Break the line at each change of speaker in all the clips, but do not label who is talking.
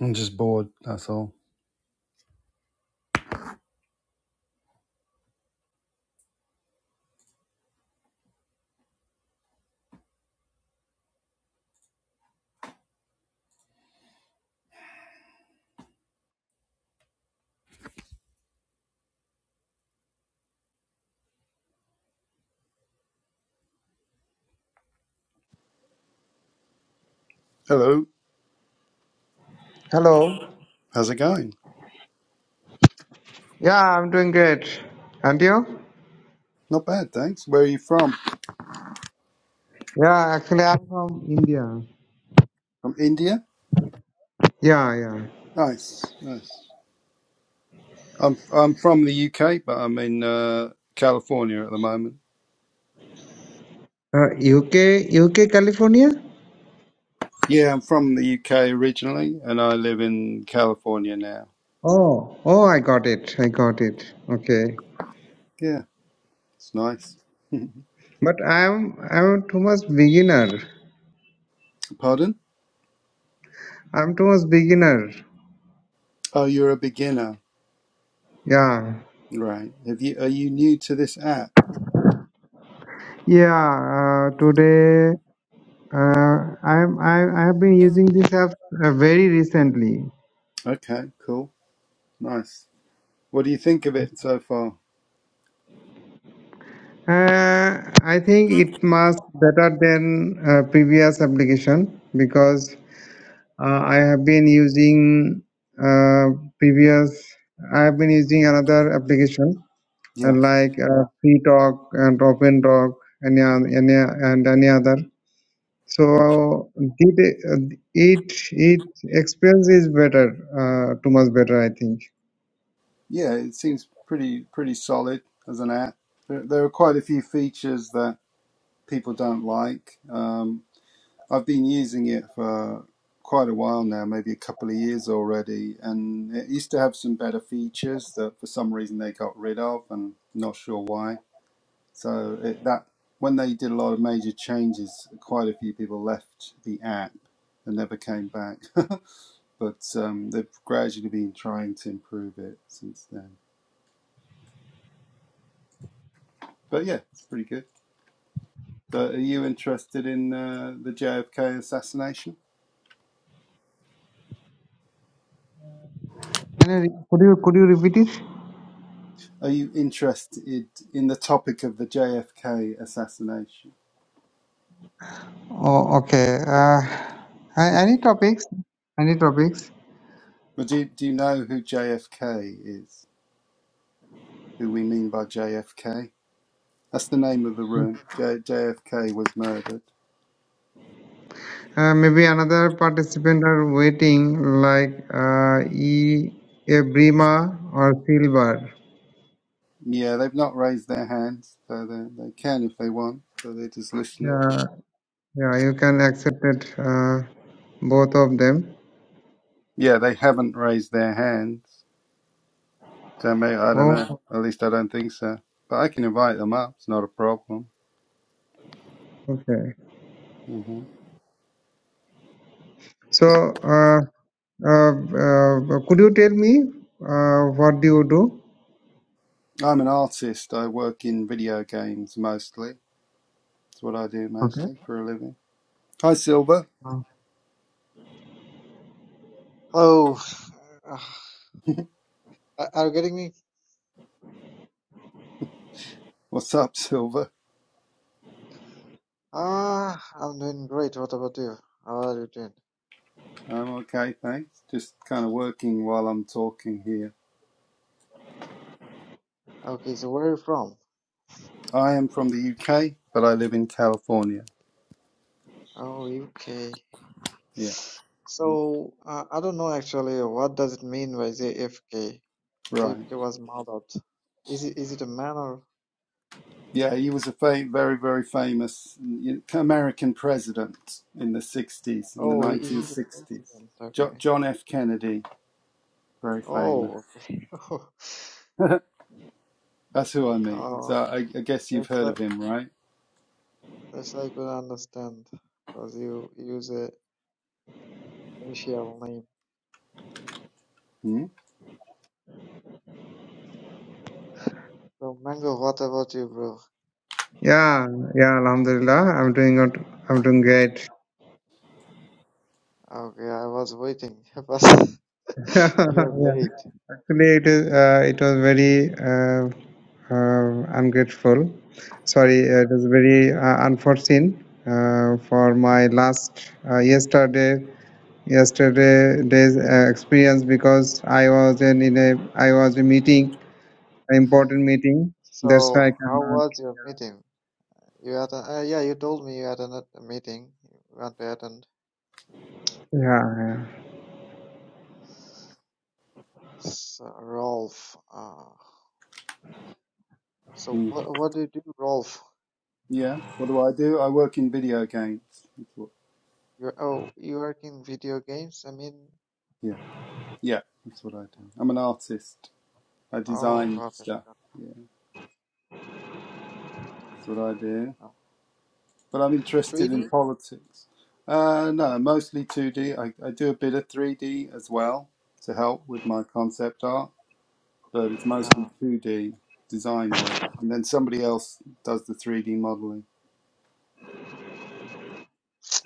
I'm just bored, that's all. Hello,
Hello.
how's it going?
Yeah, I'm doing great. And you?
Not bad, thanks. Where are you from?
Yeah, actually, I'm from India.
From India?
Yeah, yeah.
Nice, nice. I'm I'm from the UK, but I'm in uh, California at the moment.
Uh, UK, UK, California.
Yeah, I'm from the UK originally, and I live in California now.
Oh, oh, I got it. I got it. Okay.
Yeah, it's nice.
But I'm, I'm too much beginner.
Pardon?
I'm too much beginner.
Oh, you're a beginner,
Yeah.
right? Have you are you new to this app?
Yeah. Uh, today, uh, I'm, I, I have been using this app uh, very recently.
Okay, cool, nice. What do you think of it so far?
Uh, I think it must better than uh, previous application because Uh, I have been using uh, previous. I have been using another application uh,
Yeah.
like uh, Free Talk and Open Talk and any, any and any other. So it it it experience is better, uh, too much better, I think.
yeah, it seems pretty pretty solid as an app. There, there are quite a few features that people don't like. Um, I've been using it for quite a while now, maybe a couple of years already, and it used to have some better features that for some reason they got rid of, and not sure why. So it, that when they did a lot of major changes, quite a few people left the app and never came back. but um, they've gradually been trying to improve it since then. But yeah, it's pretty good. So are you interested in uh, the JFK assassination?
Can you re- could you could you repeat it?
Are you interested in the topic of the JFK assassination?
Oh, okay. Uh, a- any topics? Any topics?
Well, do, do you know who JFK is? Who we mean by JFK? That's the name of the room. J, JFK was murdered.
Uh, maybe another participant are waiting, like uh, E. Ebrima or Silver.
Yeah, they've not raised their hands, so they they can if they want. So they're just listening.
Yeah, yeah, you can accept it, uh, both of them.
Yeah, they haven't raised their hands. So may I don't
Oh,
know. At least I don't think so. But I can invite them up. It's not a problem.
okay.
Mm-hmm.
So, uh, uh, uh, could you tell me uh, what do you do?
I'm an artist. I work in video games mostly. That's what I do
Okay.
mostly for a living. Hi, Silver.
Uh,
Hello. Uh, are you getting me?
What's up, Silver?
Ah, I'm doing great. What about you? How are you doing?
I'm okay, thanks. Just kind of working while I'm talking here.
Okay, so where are you from?
I am from the UK, but I live in California.
Oh, UK.
Yeah,
So, uh, I don't know actually what does it mean by JFK?
right.
JFK was murdered. Is it is it a man or?
Yeah, he was a fa- very, very famous American president in the 60s, in the
Oh, he, he's a
1960s.
president.
Jo-
Okay.
John F. Kennedy, very famous.
Oh, okay.
That's who I mean. So
Oh,
I, I guess you've
that's
heard of
like
him, right?
that's I could understand because you use a initial name.
Hmm?
So, Mango, what about you, bro?
Yeah, yeah, Alhamdulillah, I'm doing good. I'm doing great.
Okay, I was waiting, but you're
yeah.
late.
Actually, it is. Uh, it was very uh, uh, ungrateful. Sorry, uh, it was very uh, unforeseen uh, for my last uh, yesterday yesterday day's uh, experience because I was in, in a I was a meeting, an important meeting. That's why
So,
I
how
cannot.
was your meeting? You had a, uh, yeah, you told me you had an, a meeting. You went to attend.
Yeah. yeah.
So, Rolf. Uh, so,
Mm-hmm.
what what do you do, Rolf?
Yeah. What do I do? I work in video games.
You're oh, you work in video games. I mean,
Yeah. Yeah. That's what I do. I'm an artist. I
oh,
design
got it,
stuff.
got
Yeah. That's what I do.
it. Oh,
But I'm interested in
3D.
politics. Uh, no, mostly 2D. I, I do a bit of 3D as well to help with my concept art, but it's mostly
Oh.
2D design work. And then somebody else does the 3D modeling.
mm.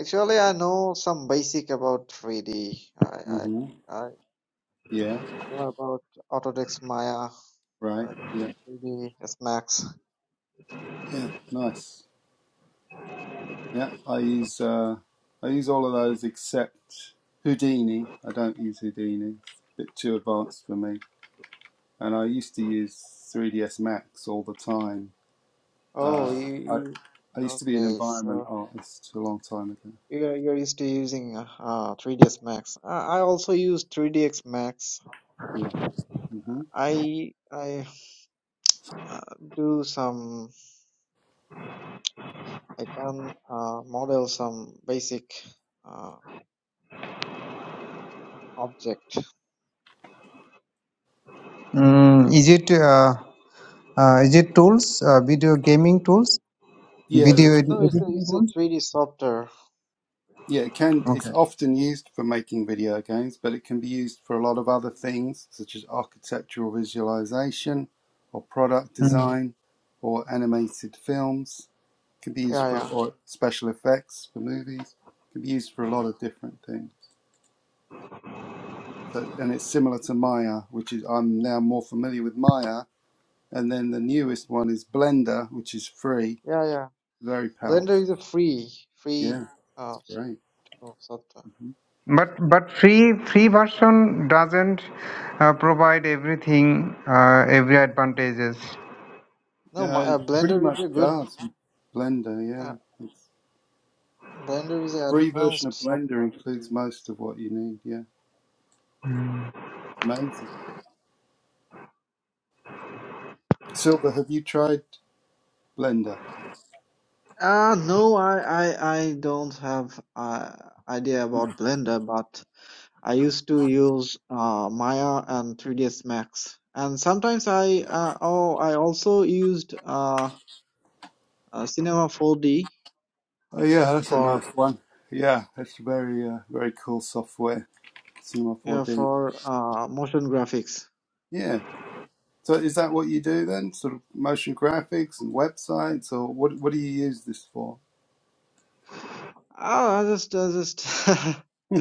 Actually, I know some basic about 3D. I
hmm
I
Yeah.
know about Autodesk Maya,
Right.
like
Yeah.
3D Max.
Yeah. Nice. Yeah, I use uh, I use all of those except Houdini. I don't use Houdini; it's a bit too advanced for me. And I used to use 3ds Max all the time.
Oh,
Uh,
you,
I
you
I used to be an
okay?
environment
So
artist a long time ago.
you're you're used to using uh 3ds Max. I, I also use 3ds Max.
Yeah. hmm
I I uh, do some. I can uh, model some basic uh, object.
Mm, is it uh, uh, is it tools? Uh, video gaming tools?
Yeah,
Video ed-
No, it's a
editing
it's a
tools?
3D software.
yeah. It can. It's
Okay.
often used for making video games, but it can be used for a lot of other things, such as architectural visualization, or product design, or animated films. Can be used
Yeah,
for
yeah,
or special effects for movies. Can be used for a lot of different things. So, and it's similar to Maya, which is I'm now more familiar with Maya. And then the newest one is Blender, which is free.
yeah, yeah.
Very powerful.
Blender is a free free
Yeah,
uh
great.
software.
hmm
But but free free version doesn't uh, provide everything, uh, every advantages.
No,
Yeah,
my,
it
uh,
pretty
Blender
much
is a good.
does Blender.
uh,
Yeah, the
Blender is an
free version
advanced
of Blender
software.
includes most of what you need. Yeah, amazing. Silver, have you tried Blender?
Uh, no, I, I, I don't have uh, idea about Blender, but I used to use uh, Maya and 3ds Max. And sometimes I uh, oh I also used uh, uh, Cinema 4D
Oh yeah, that's a
for
nice one. Yeah, that's very uh, very cool software. Cinema
yeah,
4D.
for uh, motion graphics.
Yeah. So is that what you do then? Sort of motion graphics and websites, or what? What do you use this for?
Oh, I just I just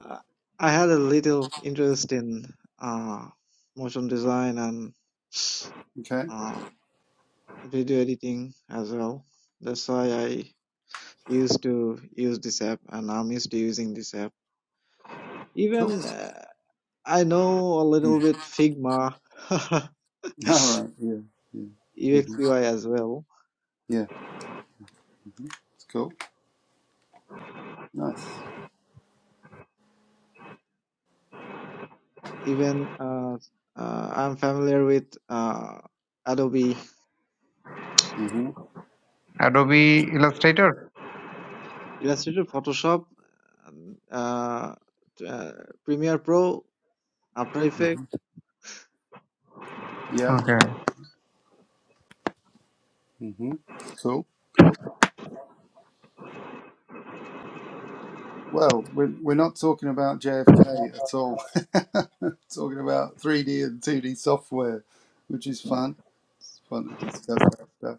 I I had a little interest in uh, motion design and
okay.
uh, video editing as well. That's why I used to use this app and I'm used to using this app.
Cool.
Even uh, I know a little
Mm.
bit Figma,
All
UX
right. Yeah. Yeah. hmm
UI as well.
Yeah. It's cool. Nice.
Even uh, uh, I'm familiar with uh, Adobe
hmm
Adobe Illustrator.
Illustrator, Photoshop, uh, uh, Premiere Pro, After
hmm
Effects.
Yeah.
Okay.
hmm Cool. Cool. Well, we're we're not talking about JFK at all. talking about 3D and 2D software, which is fun. It's fun to discuss that stuff.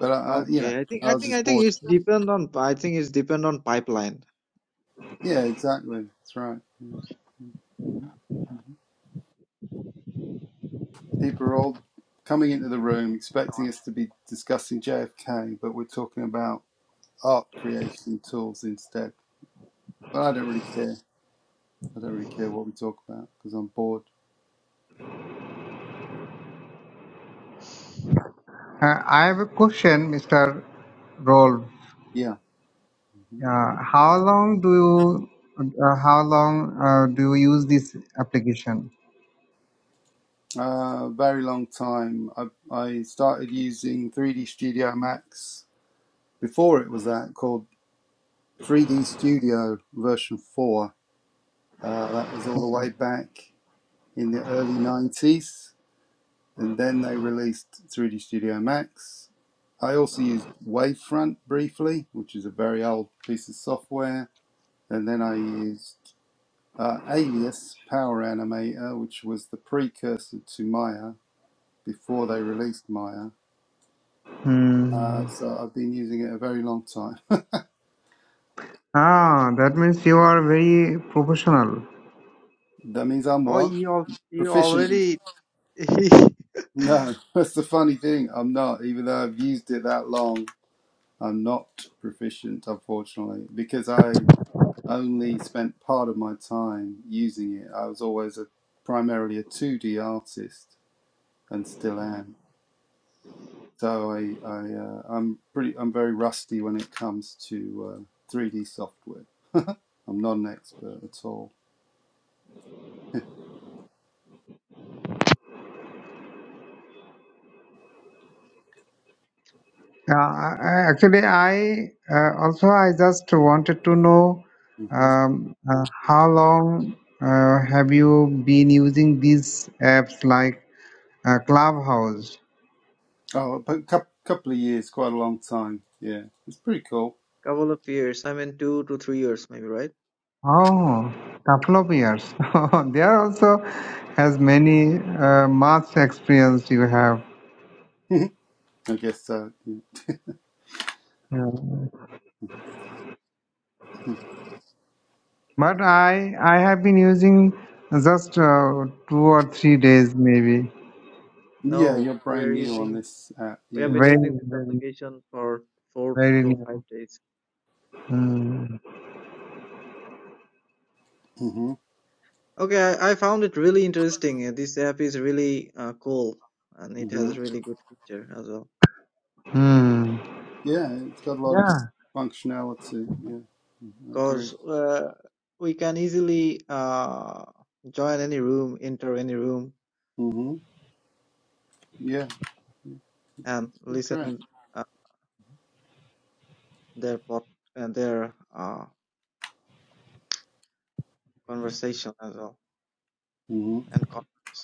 But I, I you know,
Okay, I think I
I was
think I
just
think
bored.
it's depend on I think it's depend on pipeline.
Yeah. Exactly. That's right. Mm-hmm. people are all coming into the room expecting us to be discussing JFK, but we're talking about art creation tools instead. But I don't really care. I don't really care what we talk about because I'm bored.
Uh, I have a question, Mr. Roll.
Yeah, mm-hmm.
Uh, how long do you uh, how long uh, do you use this application?
uh, very long time. I, I started using 3D Studio Max before it was that called 3D Studio version 4. Uh, that was all the
Okay.
way back in the early 90s. And then they released 3D Studio Max, I also used Wavefront briefly, which is a very old piece of software, and then I used uh, Alias Power Animator, which was the precursor to Maya before they released Maya. Uh,
Hmm.
so I've been using it a very long time.
Ah, that means you are very professional.
that means I'm
Oh,
what
you al- you
proficient?
already
No, that's the funny thing. I'm not, even though I've used it that long. I'm not proficient, unfortunately, because I only spent part of my time using it. I was always a primarily a 2D artist and still am. So I, I uh, I'm pretty I'm very rusty when it comes to uh, 3D software. I'm not an expert at all.
Uh, I- I- actually, I uh, also I just wanted to know
hmm
um, uh, how long uh, have you been using these apps like uh, Clubhouse?
Oh, but a cou- couple of years, quite a long time. Yeah, it's pretty cool.
Couple of years. I mean, two to three years, maybe, right?
Oh, couple of years. there also has many uh, much experience you have.
I guess so.
Yeah. But I I have been using just uh, two or three days maybe.
Yeah,
No,
you're
we
brand
are
new on
using.
this app.
We have
Yeah.
been
Very
using this
very
application for four
very
to
new.
five days.
Hmm.
hmm
Okay, I, I found it really interesting. Uh, This app is really uh, cool, and it
hmm
has really good feature as well.
Hmm.
Yeah, it's got a lot of
Yeah.
good functionality. Yeah, Mhm, I agree.
Cause uh, we can easily uh, join any room, enter any room,
Mhm. Yeah,
and
great.
listen uh, their pod and their uh, conversation as well
hmm
and comments.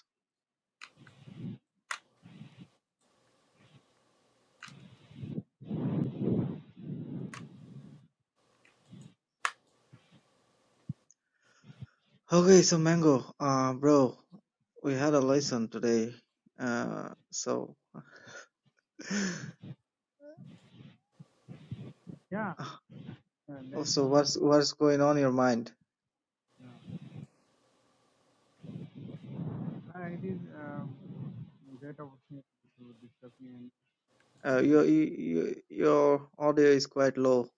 Okay, so Mango, uh, bro, we had a lesson today. Uh, so,
Yeah, uh,
oh,
there's
so
a,
what's what's going on in your mind?
uh, it is um, a great opportunity to discuss me.
Uh,
And,
your
uh,
you, you- your audio is quite low.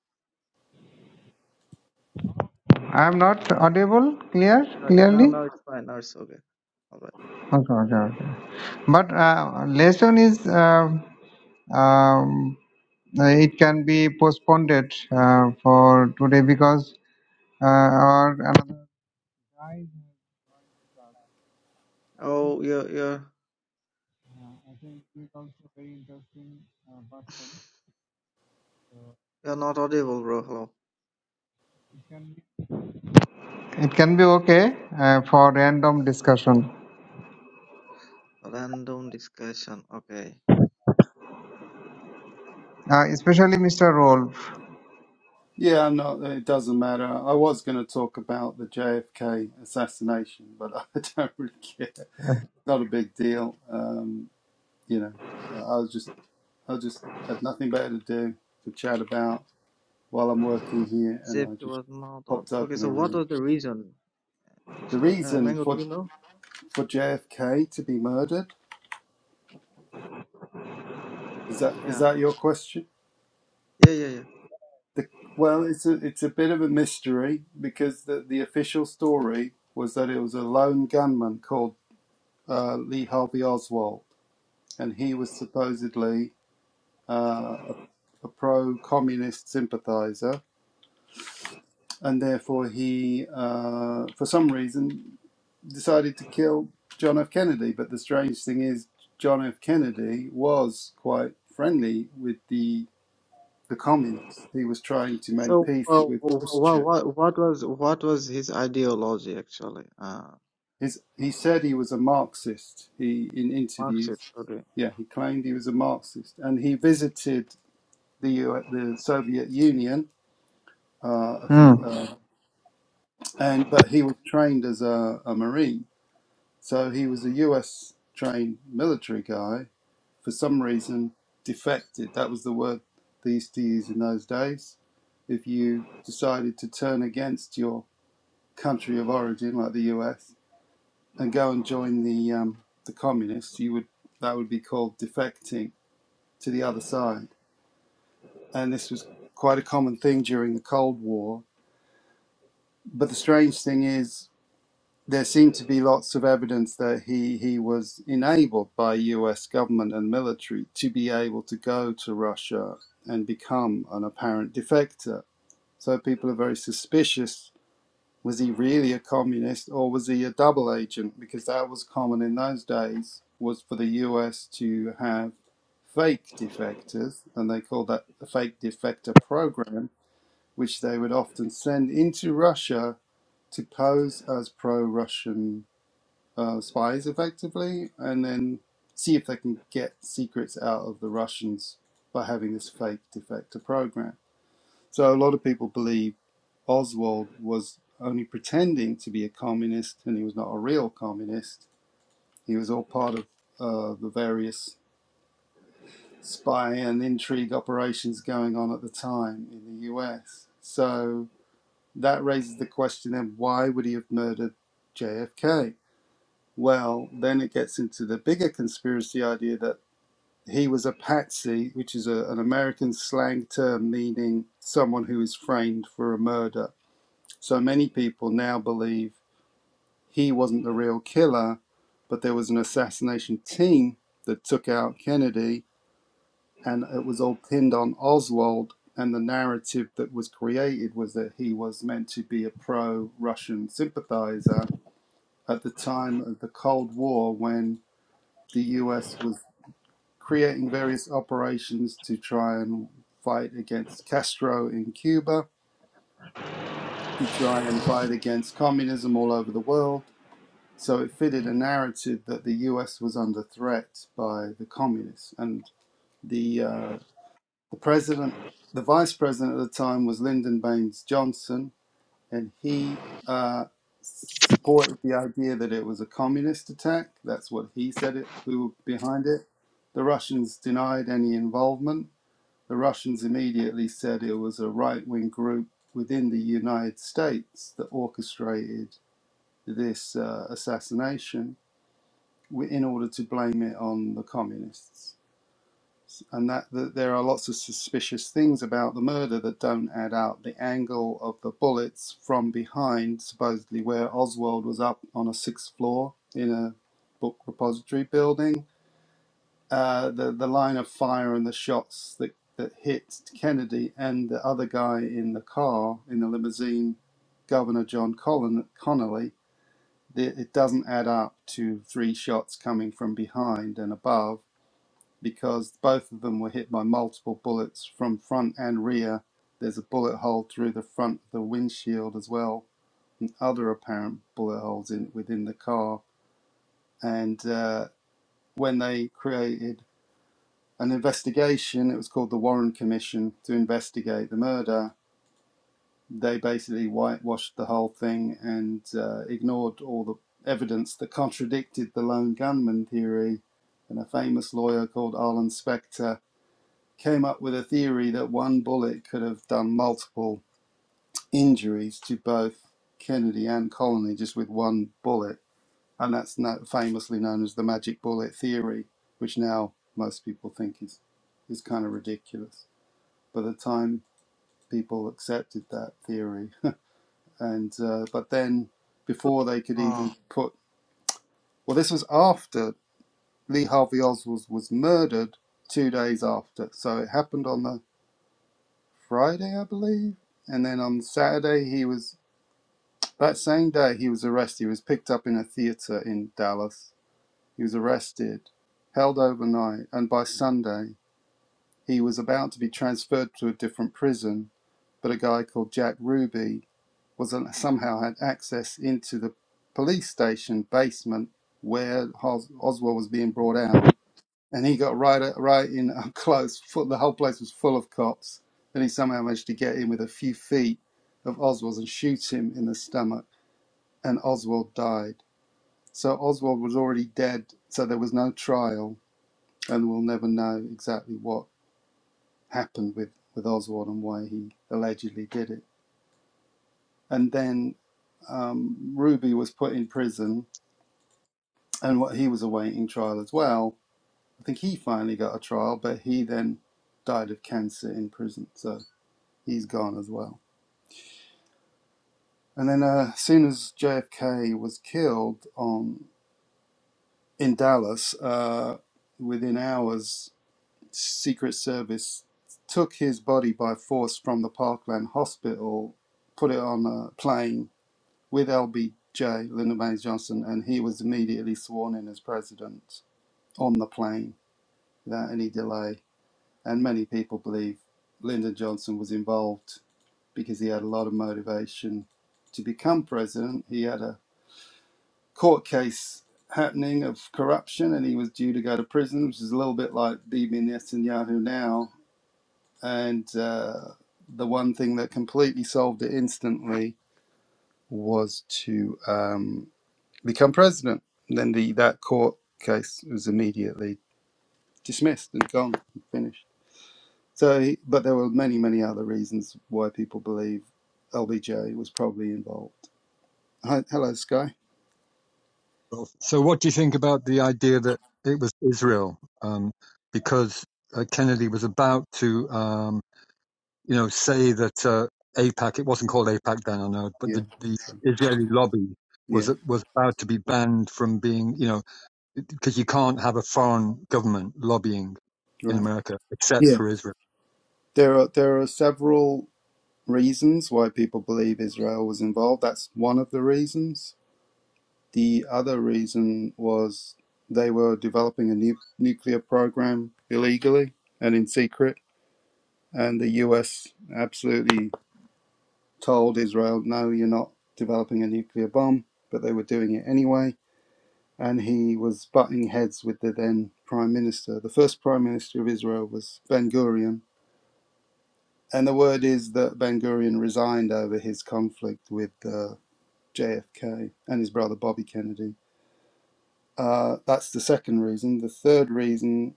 I am not audible clear
Uh, now
clearly.
now it's fine. Now it's okay. All right.
Okay, okay, okay. But uh, lesson is uh, um, uh, it can be postponed uh, for today because uh, or another guys, I think
Oh, you're you're
uh, I think he is also very interesting uh, person.
you're not audible, bro. Hello.
It can be it can be okay uh, for random discussion,
Random discussion. Okay.
uh, especially Mr. Rolf.
Yeah, no, it doesn't matter. I was going to talk about the JFK assassination, but I don't really care. Not a big deal. Um, you know, I was just, I just had nothing better to do to chat about while I'm working here, and
Zip
I just
was not on.
popped
Okay,
open a
so what
room.
was the reason
The
actually? Uh,
reason
Mango, do
for
you know?
for JFK to be murdered is that is
Yeah.
that your question?
Yeah. Yeah. Yeah.
The, well, it's a it's a bit of a mystery because the the official story was that it was a lone gunman called uh, Lee Harvey Oswald, and he was supposedly uh, a, a pro-communist sympathizer, and therefore he, uh, for some reason, decided to kill John F. Kennedy. But the strange thing is, John F. Kennedy was quite friendly with the the communists. He was trying to make
So, uh,
peace with Khrushchev
what, what was what was his ideology actually? Uh,
His, he said he was a Marxist. He in interviews,
Marxist. Okay.
yeah, he claimed he was a Marxist, and he visited the U- the Soviet Union. Uh, a few,
Hmm.
um and but he was trained as a, a Marine, so he was a U.S. trained military guy. For some reason, defected. That was the word they used to use in those days. If you decided to turn against your country of origin, like the U.S., and go and join the um, the communists, you would that would be called defecting to the other side. And this was quite a common thing during the Cold War. But the strange thing is, there seemed to be lots of evidence that he he was enabled by U.S. government and military to be able to go to Russia and become an apparent defector. So people are very suspicious Was he really a communist or was he a double agent? Because that was common in those days, was for the US to have fake defectors, and they called that the fake defector program, which they would often send into Russia to pose as pro Russian uh, spies effectively, and then see if they can get secrets out of the Russians by having this fake defector program. So a lot of people believe Oswald was only pretending to be a communist, and he was not a real communist. He was all part of uh, the various spy and intrigue operations going on at the time in the US. So that raises the question then why would he have murdered JFK? Well, then it gets into the bigger conspiracy idea that he was a patsy, which is a, an American slang term meaning someone who is framed for a murder. So many people now believe he wasn't the real killer, but there was an assassination team that took out Kennedy, and it was all pinned on Oswald. And the narrative that was created was that he was meant to be a pro Russian sympathizer at the time of the Cold War when the US was creating various operations to try and fight against Castro in Cuba, to try and fight against communism all over the world So it fitted a narrative that the US was under threat by the communists. And the, uh, the president, the vice president at the time was Lyndon Baines Johnson, and he uh, supported the idea that it was a communist attack. That's what he said it, we were behind it. The Russians denied any involvement. The Russians immediately said it was a right wing group within the United States that orchestrated this uh, assassination in order to blame it on the communists. And that, that there are lots of suspicious things about the murder that don't add up. The angle of the bullets from behind, supposedly where Oswald was up on a sixth floor in a book repository building, uh, the, the line of fire and the shots that, that hit Kennedy and the other guy in the car, in the limousine, Governor John Collin Connolly, the- it doesn't add up to three shots coming from behind and above because both of them were hit by multiple bullets from front and rear. There's a bullet hole through the front of the windshield as well, other apparent bullet holes in within the car. And uh, when they created an investigation, it was called the Warren Commission to investigate the murder they basically whitewashed the whole thing and uh, ignored all the evidence that contradicted the lone gunman theory. And a famous lawyer called Arlen Specter came up with a theory that one bullet could have done multiple injuries to both Kennedy and Colony just with one bullet. And that's no famously known as the magic bullet theory, which now most people think is, is kind of ridiculous. By the time people accepted that theory, and uh, but then before they could
Uh,
even put well this was after lee harvey oswald was murdered two days after so it happened on the friday i believe and then on saturday he was that same day he was arrested he was picked up in a theater in dallas he was arrested held overnight and by sunday he was about to be transferred to a different prison but a guy called jack ruby was somehow had access into the police station basement where Os- Oswald was being brought out, and he got right right in up close. Full, the whole place was full of cops, and he somehow managed to get in with a few feet of Oswald's and shoot him in the stomach, and Oswald died. So Oswald was already dead, so there was no trial, and we'll never know exactly what happened with, with Oswald and why he allegedly did it. And then um, Ruby was put in prison and what he was awaiting trial as well. I think he finally got a trial, but he then died of cancer in prison, so he's gone as well. And then, uh, as soon as JFK was killed on in Dallas, uh, within hours, Secret Service took his body by force from the Parkland Hospital, put it on a plane with LBJ, Lyndon Baines Johnson, and he was immediately sworn in as president on the plane without any delay And many people believe Lyndon Johnson was involved because he had a lot of motivation to become president. He had a court case happening of corruption and he was due to go to prison, which is a little bit like Bibi Netanyahu now. And uh, the one thing that completely solved it instantly was to um, become president. And then the, that court case was immediately dismissed and gone and finished. So, he, but there were many, many other reasons why people believe LBJ was probably involved. Hi, hello, Sky.
Well, So, what do you think about the idea that it was Israel? Um, because uh, Kennedy was about to, um, you know, say that uh, APAC, it wasn't called AIPAC then, I know, but
Yeah,
the, the Israeli lobby
yeah,
was was about to be banned from being, you know, because you can't have a foreign government lobbying in
right.
America except
Yeah,
for Israel.
there are there are several reasons why people believe Israel was involved. That's one of the reasons. The other reason was they were developing a nu- nuclear program illegally and in secret, and the U.S. absolutely told Israel, "No, you're not developing a nuclear bomb," but they were doing it anyway and he was butting heads with the then prime minister. The first prime minister of Israel was Ben Gurion, and the word is that Ben Gurion resigned over his conflict with uh, JFK and his brother Bobby Kennedy. Uh, that's the second reason. The third reason,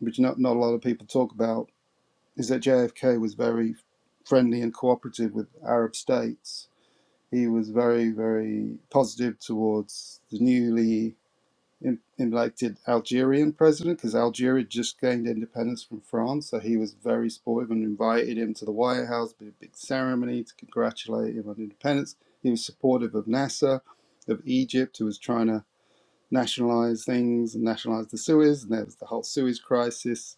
which not, not a lot of people talk about, is that JFK was very friendly and cooperative with Arab states. He was very, very positive towards the newly im- elected Algerian president because Algeria just gained independence from France. So he was very supportive and invited him to the White House, did a big ceremony to congratulate him on independence. He was supportive of Nasser, of Egypt, who was trying to nationalize things and nationalize the Suez, and there was the whole Suez crisis.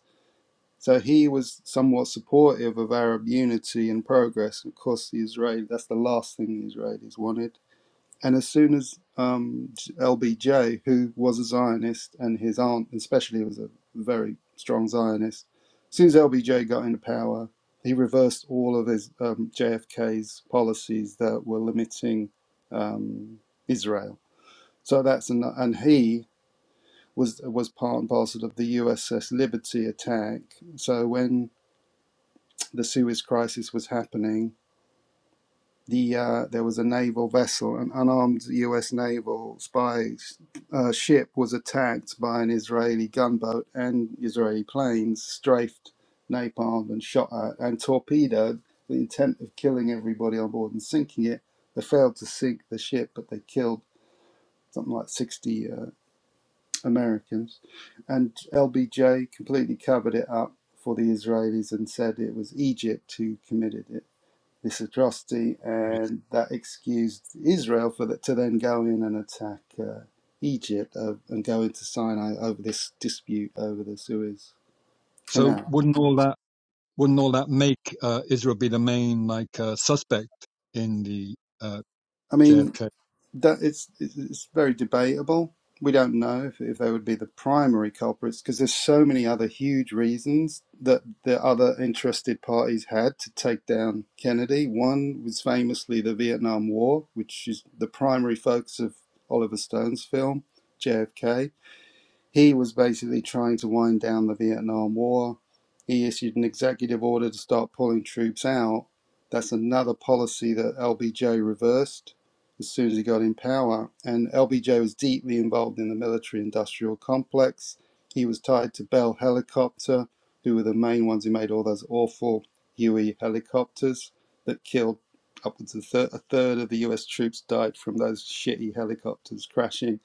So he was somewhat supportive of Arab unity and progress. Of course, the Israeli, that's the last thing the Israelis wanted and as soon as um, LBJ, who was a Zionist, and his aunt especially was a very strong Zionist, as soon as LBJ got into power, he reversed all of his um, JFK's policies that were limiting um, Israel. So that's an, and he was was part and parcel of the USS Liberty attack. So when the Suez Crisis was happening, the uh, there was a naval vessel, an unarmed U.S. naval spy uh, ship was attacked by an Israeli gunboat and Israeli planes, strafed, napalmed, and shot at, and torpedoed. with The intent of killing everybody on board and sinking it. They failed to sink the ship, but they killed something like sixty uh, Americans. And LBJ completely covered it up for the Israelis and said it was Egypt who committed it this atrocity,
Yeah.
and that excused Israel for the, to then go in and attack uh, Egypt uh, and go into Sinai over this dispute over the Suez
So,
Canal.
wouldn't all that wouldn't all that make uh, Israel be the main like uh, suspect in the uh,
I mean,
JFK?
that it's it's it's very debatable. We don't know if, if they would be the primary culprits because there's so many other huge reasons that the other interested parties had to take down Kennedy. One was famously the Vietnam War, which is the primary focus of Oliver Stone's film, JFK He was basically trying to wind down the Vietnam War. He issued an executive order to start pulling troops out. That's another policy that LBJ reversed as soon as he got in power. And LBJ was deeply involved in the military industrial complex. He was tied to Bell Helicopter, who were the main ones who made all those awful Huey helicopters that killed upwards of a third, of the US troops died from those shitty helicopters crashing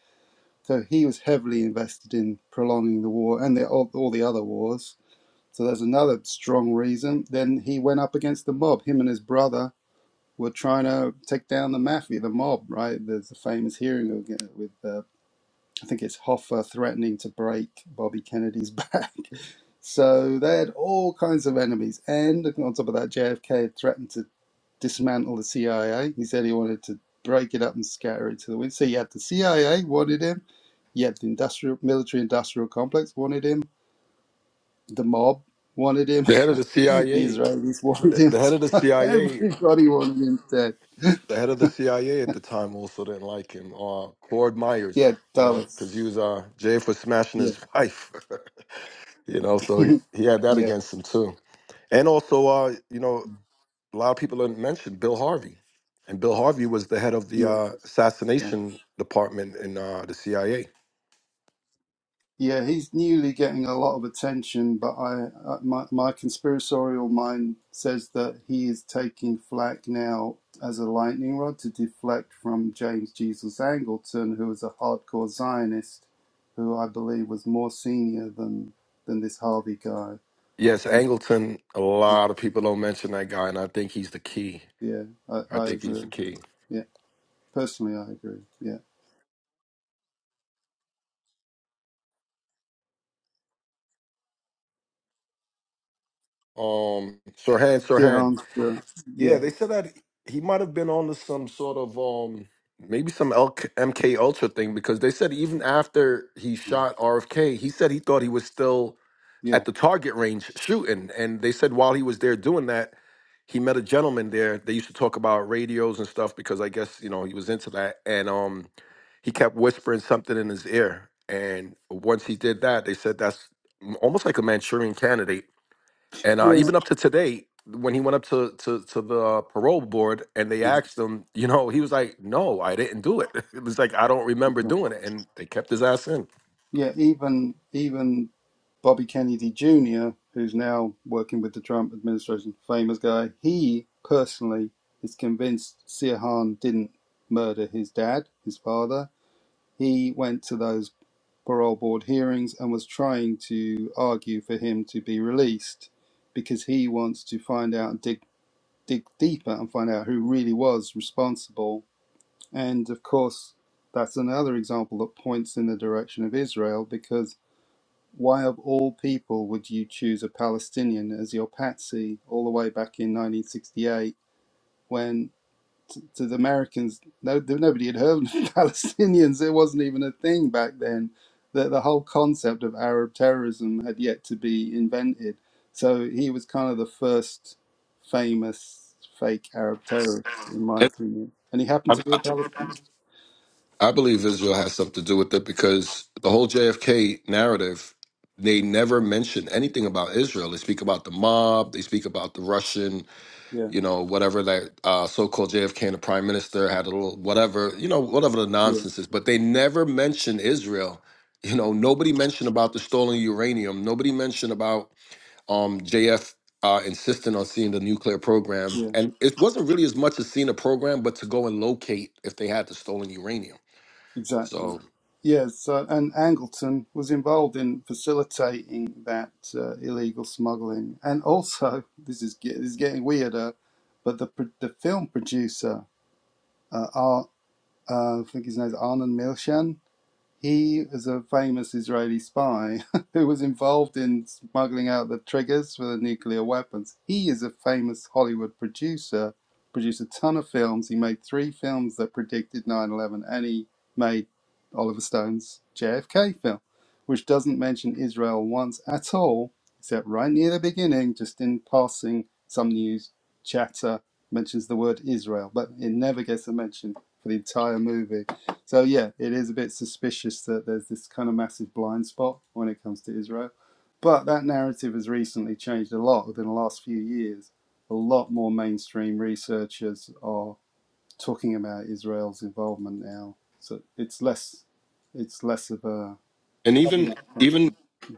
so he was heavily invested in prolonging the war and the, all, all the other wars. So there's another strong reason. Then he went up against the mob. Him and his brother were trying to take down the mafia, the mob, right? There's a famous hearing again with, uh, I think it's Hoffa threatening to break Bobby Kennedy's back. So they had all kinds of enemies. And on top of that, JFK had threatened to dismantle the CIA. He said he wanted to break it up and scatter it to the wind. So you had the CIA wanted him, you had the industrial military industrial complex wanted him, the mob wanted him,
The head of the
the
CIA,
Israelis wanted
the,
him.
the head of the CIA,
Everybody wanted him dead.
the head of the CIA at the time also didn't like him. Uh, Claude Myers,
Yeah,
you know, because he
Dallas.
was uh, jailed for smashing
Yeah.
his wife, you know, so he,
yeah.
he had that
Yeah.
against him too. And also, uh, you know, a lot of people didn't mention Bill Harvey, and Bill Harvey was the head of the uh,
yeah.
assassination department in uh, the CIA.
Yeah, he's newly getting a lot of attention, but I, uh, my, my conspiratorial mind says that he is taking flack now as a lightning rod to deflect from James Jesus Angleton, who is a hardcore Zionist, who I believe was more senior than than this Harvey guy.
Yes, Angleton. A lot of people don't mention that guy, and I think he's the key.
Yeah, I,
I
I
think he's the
agree.
key.
Yeah, personally, I agree. Yeah,
Um, Sirhan,
yeah,
Sirhan.
I'm sure.
Yeah,
Yeah,
they said that he might have been on to some sort of um maybe some LK, MK Ultra thing because they said even after he shot RFK, he said he thought he was still
yeah, yeah.
at the target range shooting, and they said while he was there doing that, he met a gentleman there. They used to talk about radios and stuff because I guess you know he was into that, and um he kept whispering something in his ear, and once he did that, they said that's almost like a Manchurian candidate and uh, even up to today, when he went up to, to to the parole board and they asked him, you know, he was like, "No, I didn't do it." It was like I don't remember doing it, and they kept his ass in.
Yeah, even even Bobby Kennedy Jr., who's now working with the Trump administration, famous guy, he personally is convinced Sirhan didn't murder his dad, his father. He went to those parole board hearings and was trying to argue for him to be released because he wants to find out and dig, dig deeper and find out who really was responsible. And of course, that's another example that points in the direction of Israel because why of all people would you choose a Palestinian as your patsy all the way back in 1968 when t- to the Americans, no, th- nobody had heard of Palestinians. It wasn't even a thing back then. The, the whole concept of Arab terrorism had yet to be invented. So he was kind of the first famous fake Arab terrorist, in my
And
opinion. And he happened
I,
to be a Palestinian.
I believe Israel has something to do with it because the whole JFK narrative, they never mention anything about Israel. They speak about the mob, they speak about the Russian
Yeah,
you know, whatever that uh, so-called JFK and the prime minister had a little whatever, you know, whatever the
yeah,
nonsense is. But they never mention Israel. You know, nobody mentioned about the stolen uranium. Nobody mentioned about um, JF uh, insisting on seeing the nuclear program.
yeah.
And it wasn't really as much as seeing a program, but to go and locate if they had the stolen uranium.
Exactly.
So
Yes, so, and Angleton was involved in facilitating that uh, illegal smuggling, and also this is get, this is getting weirder, but the pro- the film producer, uh, Ar, uh, I think his name is Arnon Milchan, he is a famous Israeli spy who was involved in smuggling out the triggers for the nuclear weapons. He is a famous Hollywood producer, produced a ton of films. He made three films that predicted 9 11, and he made Oliver Stone's JFK film, which doesn't mention Israel once at all, except right near the beginning, just in passing, some news chatter mentions the word Israel, but it never gets a mention for the entire movie so yeah, it is a bit suspicious that there's this kind of massive blind spot when it comes to Israel. But that narrative has recently changed a lot within the last few years. A lot more mainstream researchers are talking about Israel's involvement now. So it's less it's less of a
And
cover
even
up thing.
even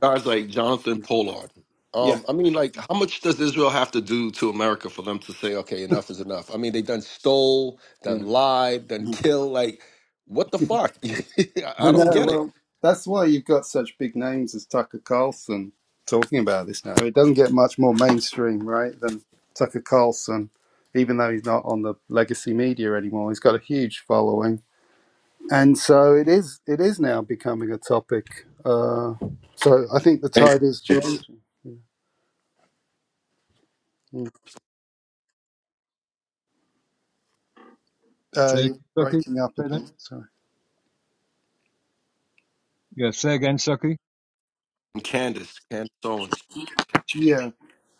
guys like Jonathan Pollard.
Yeah.
Um, I mean, like, how much does Israel have to do to America for them to say, okay, enough is enough? I mean, they done stole,
yeah.
done lied, done kill. Like, what the fuck? I
I
I don't
know.
get it.
Well, that's why you've got such big names as Tucker Carlson talking about this now. It doesn't get much more mainstream, right, than Tucker Carlson, even though he's not on the legacy media anymore. He's got a huge following, and so it is. It is now becoming a topic. Uh, so I think the
And
tide is
it's
changing. Mm. Uh,
Say,
you're
Bucky,
breaking up a
say that
bit. Sorry.
Yeah, say again, Saki.
Candace, Candace Owens.
Yeah.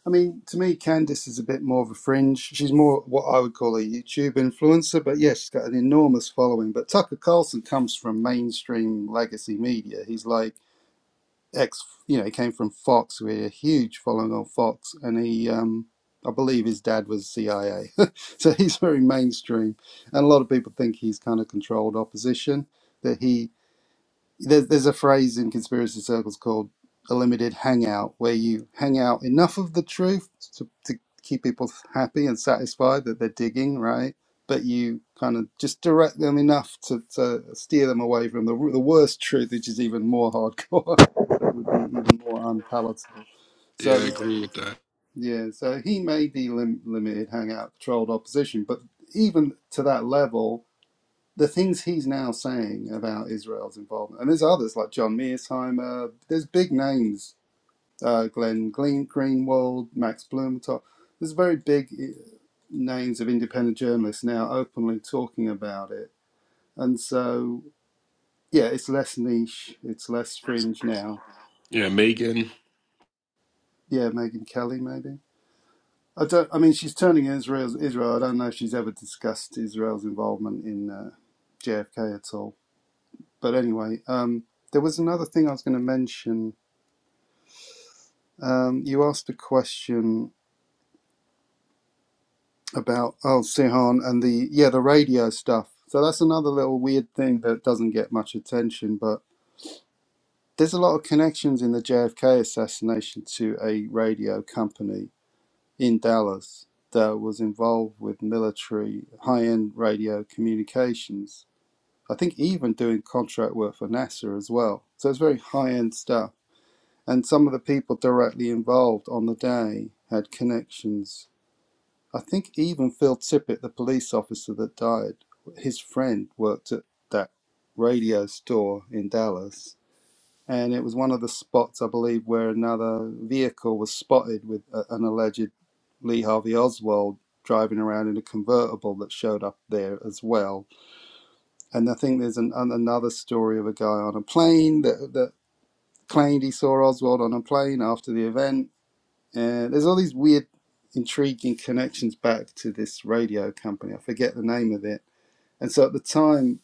I mean, to me, Candice is a bit more of a fringe. She's more what I would call a YouTube influencer, but yeah, she's got an enormous following. But Tucker Carlson comes from mainstream legacy media. He's like ex, you know, he came from Fox, with a huge following on Fox, and he, um, I believe, his dad was CIA, so he's very mainstream, and a lot of people think he's kind of controlled opposition. That he there's, there's a phrase in conspiracy circles called a limited hangout, where you hang out enough of the truth to, to keep people happy and satisfied that they're digging, right? But you kind of just direct them enough to, to steer them away from the, the worst truth, which is even more hardcore, that would be even more unpalatable.
Yeah, I
So,
agree with that.
yeah, so he may be lim- limited hangout, controlled opposition, but even to that level, the things he's now saying about Israel's involvement, and there's others like John Mearsheimer, there's big names, uh, Glenn Greenwald, Max Blumenthal. There's very big eh, names of independent journalists now openly talking about it. And so, yeah, it's less niche, it's less fringe now.
Yeah, Megan.
Yeah, Megan Kelly, maybe. I don't. I mean, she's turning Israel. Israel. I don't know if she's ever discussed Israel's involvement in uh, JFK at all. But anyway, um, there was another thing I was going to mention Um, you asked a question about oh Sihan and the yeah the radio stuff. So that's another little weird thing that doesn't get much attention, but there's a lot of connections in the JFK assassination to a radio company in Dallas that was involved with military high-end radio communications. I think even doing contract work for NASA as well. So it's very high-end stuff. And some of the people directly involved on the day had connections I think even Phil Tippett, the police officer that died, his friend worked at that radio store in Dallas. And it was one of the spots, I believe, where another vehicle was spotted with a, an alleged Lee Harvey Oswald driving around in a convertible that showed up there as well. And I think there's an, an, another story of a guy on a plane that, that claimed he saw Oswald on a plane after the event and there's all these weird, intriguing connections back to this radio company. I forget the name of it. And so at the time,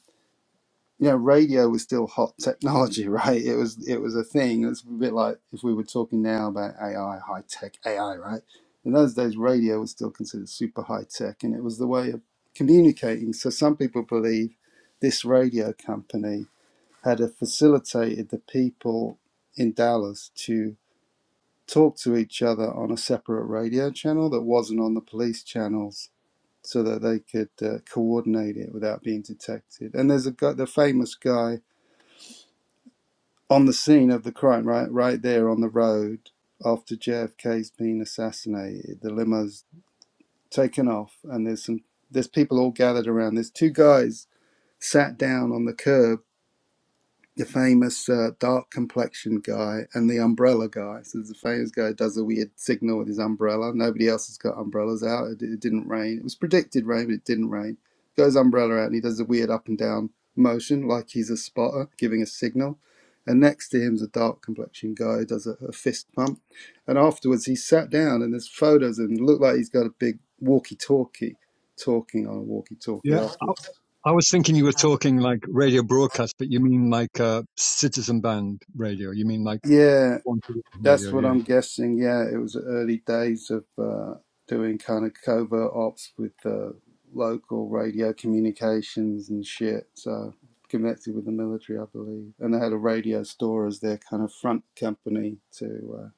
you know, radio was still hot technology, right? It was it was a thing. It's a bit like if we were talking now about AI, high tech AI, right? In those days, radio was still considered super high tech, and it was the way of communicating. So some people believe this radio company had uh, facilitated the people in Dallas to talk to each other on a separate radio channel that wasn't on the police channels so that they could uh, coordinate it without being detected. And there's a guy, the famous guy on the scene of the crime, right, right there on the road after JFK's been assassinated. The limo's taken off, and there's some there's people all gathered around. There's two guys sat down on the curb the famous uh, dark complexion guy and the umbrella guy. So the famous guy does a weird signal with his umbrella. Nobody else has got umbrellas out. It, it didn't rain. It was predicted rain, but it didn't rain. Goes umbrella out and he does a weird up and down motion like he's a spotter giving a signal. And next to him's a dark complexion guy who does a, a fist pump. And afterwards he sat down and there's photos and it looked like he's got a big walkie-talkie talking on a walkie-talkie
Yeah, I,
afterwards.
I was thinking you were talking like radio broadcast, but you mean like uh, citizen band radio. You mean like
Yeah,
one to
That's
radio,
what
yeah.
I'm guessing. Yeah, it was early days of uh, doing kind of covert ops with uh, local radio communications and shit. So connected with the military, I believe, and they had a radio store as their kind of front company to uh,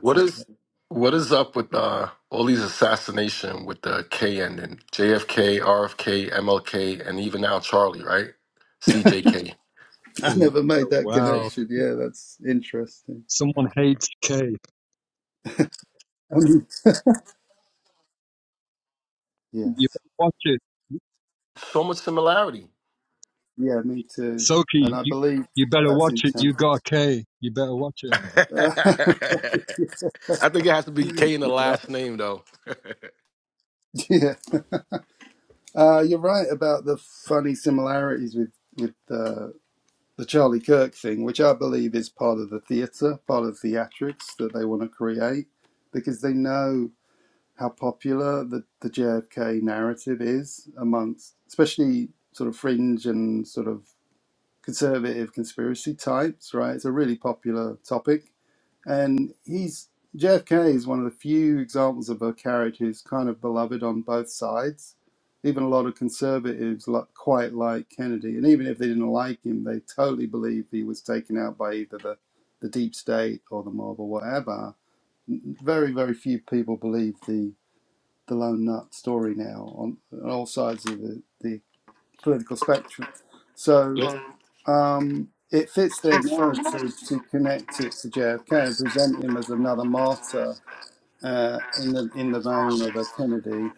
What is
it.
what is up with uh, all these assassination with the K ending? JFK, RFK, MLK, and even now Charlie, right? CJK.
I
Oh, yeah.
never made
Oh,
that
Wow.
connection. Yeah, that's interesting.
Someone hates K.
I mean, yeah,
You better watch it.
So much similarity.
yeah, me too.
Soki,
And I
you,
believe
you better
that's
watch it.
intense.
You got a K. You better watch it.
I
you
think it has to be K in the
right.
last name though.
Yeah. Uh, you're right about the funny similarities with with uh, the Charlie Kirk thing, which I believe is part of the theatre, part of theatrics that they want to create, because they know how popular the, the JFK narrative is amongst, especially sort of fringe and sort of conservative conspiracy types. Right, it's a really popular topic, and he's JFK is one of the few examples of a character who's kind of beloved on both sides. Even a lot of conservatives li- quite like Kennedy, and even if they didn't like him, they totally believed he was taken out by either the, the deep state or the mob or whatever. Very, very few people believe the, the lone nut story now on, on all sides of the, the political spectrum. So
Yeah.
um, it fits their narrative to connect it to JFK and present him as another martyr uh, in the in the vein of a Kennedy.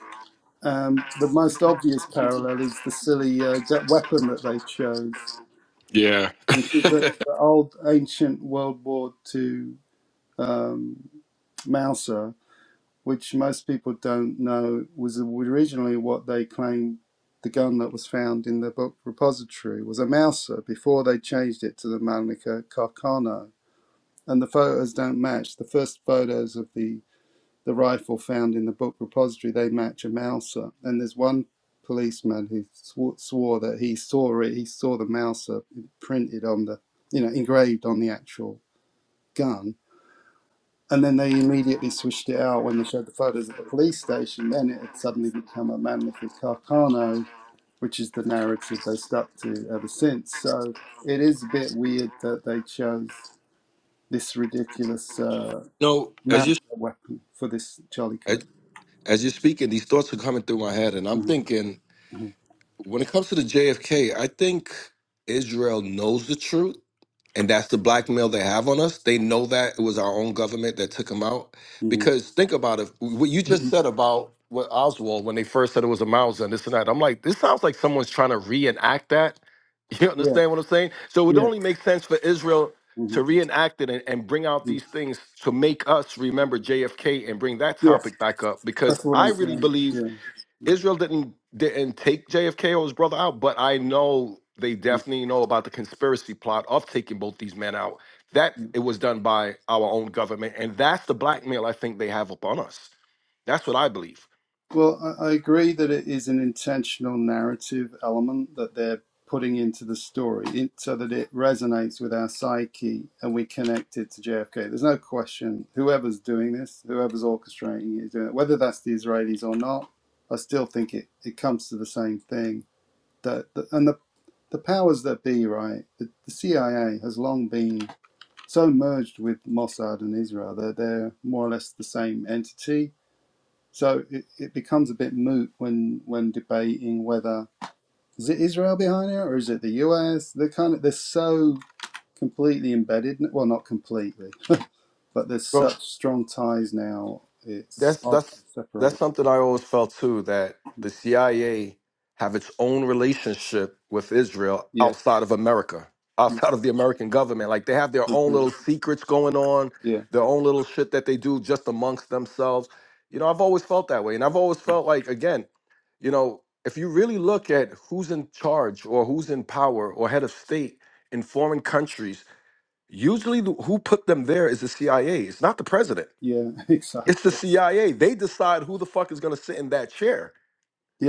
Um, the most obvious parallel is the silly uh, gu- weapon that they chose,
Yeah.
which is the, the old ancient World War II um, Mauser, which most people don't know was originally what they claimed the gun that was found in the book repository was a Mauser before they changed it to the Malnica Carcano and the photos don't match. The first photos of the, the rifle found in the book repository they match a Mauser, and there's one policeman who swore, swore that he saw it. He saw the Mauser printed on the, you know, engraved on the actual gun, and then they immediately switched it out when they showed the photos at the police station. Then it had suddenly become a Mamlekis Karkano, which is the narrative they stuck to ever since. So it is a bit weird that they chose this ridiculous. uh,
No, as
man
you
a weapon for this Charlie
as,
Kirk.
as you're speaking, these thoughts are coming through my head, and I'm
hmm
thinking when it comes to the JFK, I think Israel knows the truth. and that's the blackmail they have on us. They know that it was our own government that took him out.
hmm
Because think about it, what you just said about what Oswald when they first said it was a Mauser and this and that. I'm like, this sounds like someone's trying to reenact that. You
Yeah,
understand what I'm saying? So it would
yeah,
only make sense for Israel
hmm
to reenact it and, and bring out these things to make us remember JFK and bring that
yeah.
topic back up. Because
That's what I'm
I really
saying.
believe
Yeah.
Israel didn't didn't take JFK or his brother out, but I know they
Mhm.
definitely know about the conspiracy plot of taking both these men out. That
yeah.
it was done by our own government, and that's the blackmail I think they have upon us. That's what I believe.
Well, I, I agree that it is an intentional narrative element that they're putting into the story in, so that it resonates with our psyche and we connect it to JFK. There's no question. Whoever's doing this, whoever's orchestrating it, is doing it. whether that's the Israelis or not, I still think it, it comes to the same thing. That, that- and the the powers that be, right? The, the CIA has long been so merged with Mossad and Israel that they're more or less the same entity. So it, it becomes a bit moot when when debating whether is it Israel behind it or is it the US? They're kind of they're so completely embedded. Well, not completely, but there's
Bro,
such strong ties now. It's
that's
hard to
that's that's
separate.
something I always felt too that
them.
the CIA have its own relationship with Israel
Yeah,
outside of America, outside of the American government. Like they have their own
Mm-hmm.
little secrets going on,
yeah,
their own little shit that they do just amongst themselves. You know, I've always felt that way, and I've always felt like again, you know, if you really look at who's in charge or who's in power or head of state in foreign countries, usually the- who put them there is the CIA. It's not the president
yeah,
it's the
exactly.
CIA. They decide who the fuck is going to sit in that chair.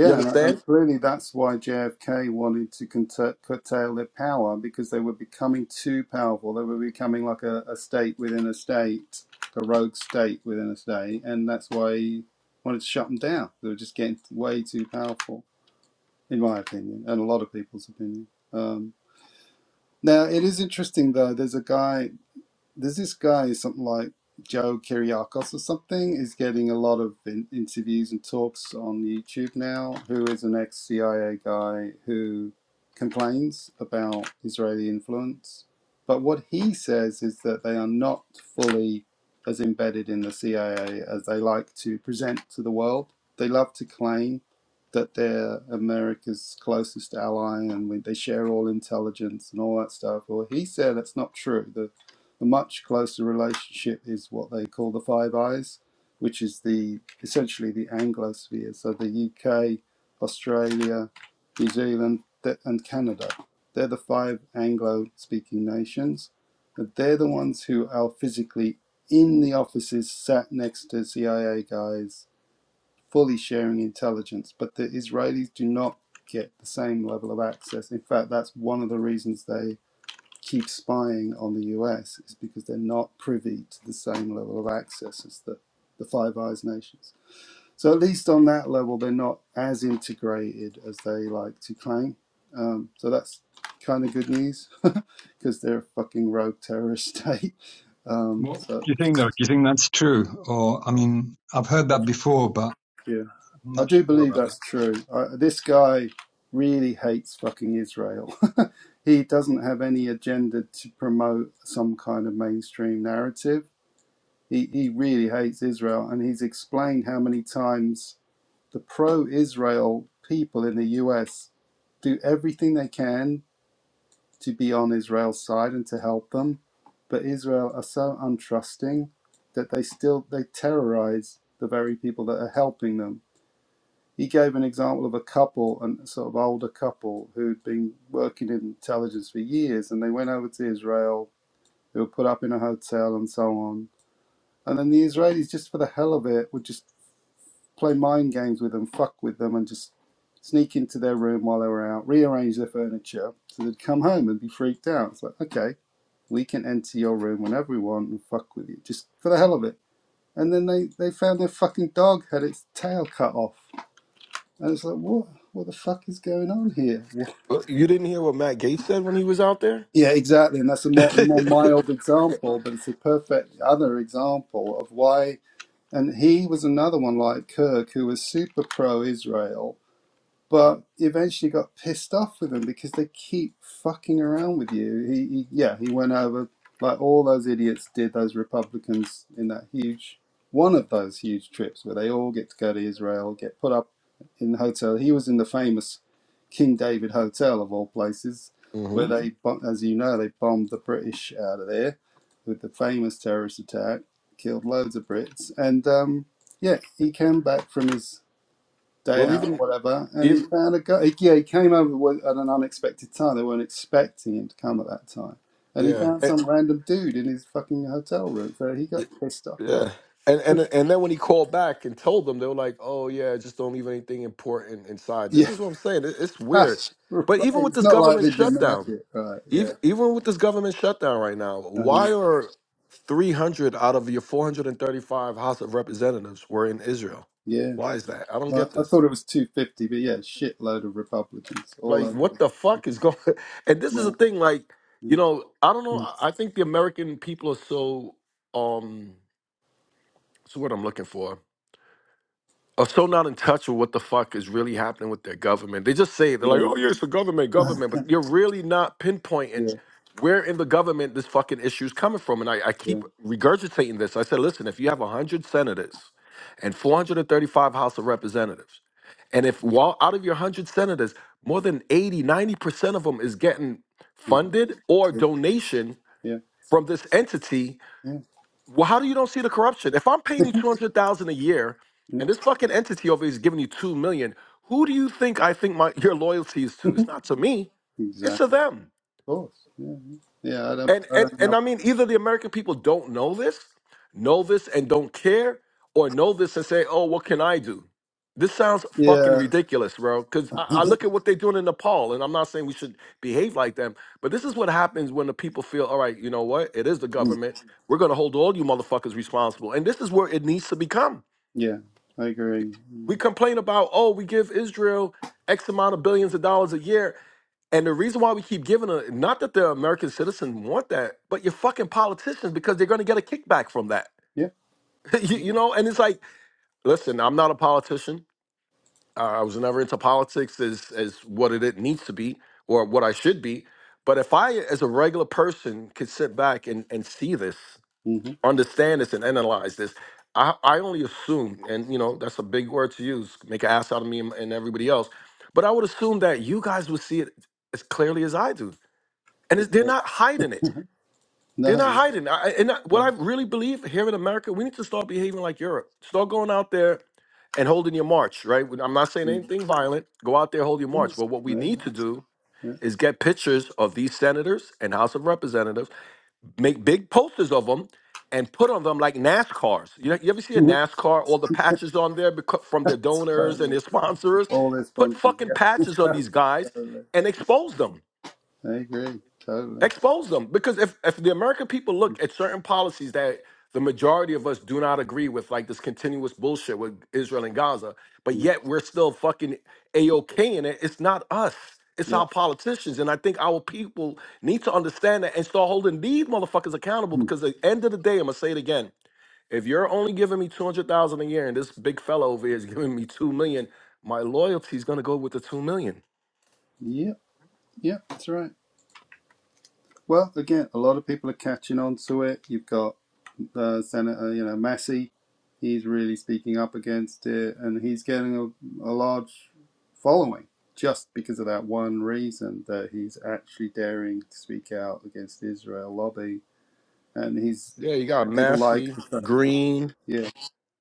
You
and,
understand?
and clearly that's why JFK wanted to curta- curtail their power because they were becoming too powerful. They were becoming like a, a state within a state, a rogue state within a state, and that's why he wanted to shut them down. They were just getting way too powerful, in my opinion, and a lot of people's opinion. Um, now, it is interesting though. There's a guy there's this guy, something like Joe Kiriakos or something, is getting a lot of in- interviews and talks on YouTube now, who is an ex CIA guy who complains about Israeli influence. But what he says is that they are not fully as embedded in the CIA as they like to present to the world. They love to claim that they're America's closest ally and we, they share all intelligence and all that stuff. Well, he said that's not true. The a much closer relationship is what they call the Five Eyes, which is the essentially the Anglosphere, so the UK, Australia, New Zealand, and Canada. They're the five Anglo-speaking nations, and they're the ones who are physically in the offices, sat next to CIA guys, fully sharing intelligence. But the Israelis do not get the same level of access. In fact, that's one of the reasons they keep spying on the US is because they're not privy to the same level of access as the, the Five Eyes nations. So at least on that level, they're not as integrated as they like to claim. Um, so that's kind of good news because they're a fucking rogue terrorist state. Um,
What do
so
you think, though? Do you think that's true? Or, I mean, I've heard that before, but
yeah,
I'm
I
not
do
sure
believe
about that.
that's true. I, this guy really hates fucking Israel. he doesn't have any agenda to promote some kind of mainstream narrative He, he really hates Israel, and he's explained how many times the pro Israel people in the US do everything they can to be on Israel's side and to help them. But Israel are so untrusting that they still they terrorize the very people that are helping them. He gave an example of a couple, a sort of older couple who'd been working in intelligence for years, and they went over to Israel. They were put up in a hotel and so on. And then the Israelis, just for the hell of it, would just play mind games with them, fuck with them, and just sneak into their room while they were out, rearrange their furniture so they'd come home and be freaked out. It's like, okay, we can enter your room whenever we want and fuck with you, just for the hell of it. And then they, they found their fucking dog had its tail cut off. And it's like, what? What the fuck is going on here? What?
Well, You didn't hear what Matt Gates said when he was out there?
Yeah, exactly. And that's a more, more mild example, but it's a perfect other example of why. And he was another one like Kirk, who was super pro Israel but eventually got pissed off with them because they keep fucking around with you. He, he yeah, he went over like all those idiots did. Those Republicans in that huge one of those huge trips where they all get to go to Israel, get put up in the hotel. He was in the famous King David Hotel of all places,
hmm
where they, as you know, they bombed the British out of there with the famous terrorist attack, killed loads of Brits, and um, yeah, he came back from his day
Well,
out or
even
whatever, and he
if
found a guy. He, yeah, he came over with, at an unexpected time. They weren't expecting him to come at that time, and he found
yeah,
some random dude in his fucking hotel room. So he got pissed off.
Yeah. And and and then when he called back and told them, they were like, "Oh yeah, just don't leave anything important inside." This
Yeah,
is what I'm saying. It- It's weird.
that's right.
But even with
It's
this
not like
government
they didn't like
shutdown,
it, right? Yeah,
even even with this government shutdown right now,
uh-huh.
why are 300 out of your 435 House of Representatives were in Israel?
yeah.
Why is that? I don't
Well,
get
I
this.
thought it was two fifty, but yeah, shitload of Republicans all
Like,
over
what
the
the fuck is going? And this is the
yeah,
thing. Like, you
mm,
know, I don't know.
mm,
I I think the American people are so um, what's the word I'm looking for? are so not in touch with what the fuck is really happening with their government. They just say it. they're like,
yeah,
"Oh yeah, it's the government, government," but you're really not pinpointing
yeah,
where in the government this fucking issue is coming from. And I, I
yeah,
keep regurgitating this. I said, "Listen, if you have one hundred senators and 435 House of Representatives, and if while out of your one hundred senators, more than 80, 90 percent of them is getting
mhm,
funded or
yeah,
donation from this entity."
yeah,
Well, how do you don't see the corruption? If I'm paying you two hundred thousand a year,
yeah.
and this fucking entity over here is giving you two million, who do you think I think my your loyalty is to? It's not to me, it's to
Exactly.
them
Of course. Yeah. Yeah. Yeah, I don't.
and
I
and
don't know
and I mean, either the American people don't know this, know this and don't care, or know this and say, "Oh, what can I do?" This sounds fucking
Yeah.
ridiculous, bro. Because I, I look at what they're doing in Nepal, and I'm not saying we should behave like them, but this is what happens when the people feel, "All right, you know what? It is the
Mm.
government. We're gonna hold all you motherfuckers responsible." And this is where it needs to become.
Yeah. I agree.
We
Mm.
complain about, "Oh, we give Israel." X amount of billions of dollars a year, and the reason why we keep giving it, not that the American citizens want that, but your fucking politicians, because they're going to get a kickback from that.
Yeah.
you, you know, and it's like, listen, I'm not a politician. Uh, I was never into politics as, as what it, it needs to be or what I should be. But if I, as a regular person, could sit back and, and see this,
Mm-hmm.
understand this, and analyze this, I, I only assume, and you know, that's a big word to use, make an ass out of me and, and everybody else. But I would assume that you guys would see it as clearly as I do and it's, they're
Yeah.
not hiding it. They're
No.
not hiding. it. I, I- and I-
Yeah.
what I really believe here in America, we need to start behaving like Europe. Start going out there and holding your march. Right? When- I'm not saying
Yeah.
anything violent. Go out there, hold your march.
Yes.
But what
Yeah.
we
I
need to do
agree.
is get pictures of these senators and House of Representatives, make big posters of them, and put on them like NASCARs. You, know, you ever see a
yeah.
NASCAR? All the patches on there becau- from their donors and
totally.
their sponsors.
All
Put
responses.
fucking patches on
Yeah.
these guys
totally.
and expose them
I agree. Totally.
expose them because if if the american people look at certain policies that the majority of us do not agree with like this continuous bullshit with israel and gaza but
Mm.
yet we're still fucking a-ok in it it's not us it's
Yeah.
our politicians and i think our people need to understand that and start holding these motherfuckers accountable
Mm.
because at the end of the day i'm gonna say it again if you're only giving me 200000 a year and this big fella over here is giving me 2 million my loyalty is gonna go with the 2 million
Yep. Yep. That's right. Well, again, a lot of people are catching on to it. You've got uh, Senator, you know, Massey, he's really speaking up against it, and he's getting a, a large following just because of that one reason that he's actually daring to speak out against the Israel lobby, and he's
yeah, you got
people like
Massey, Green.
yeah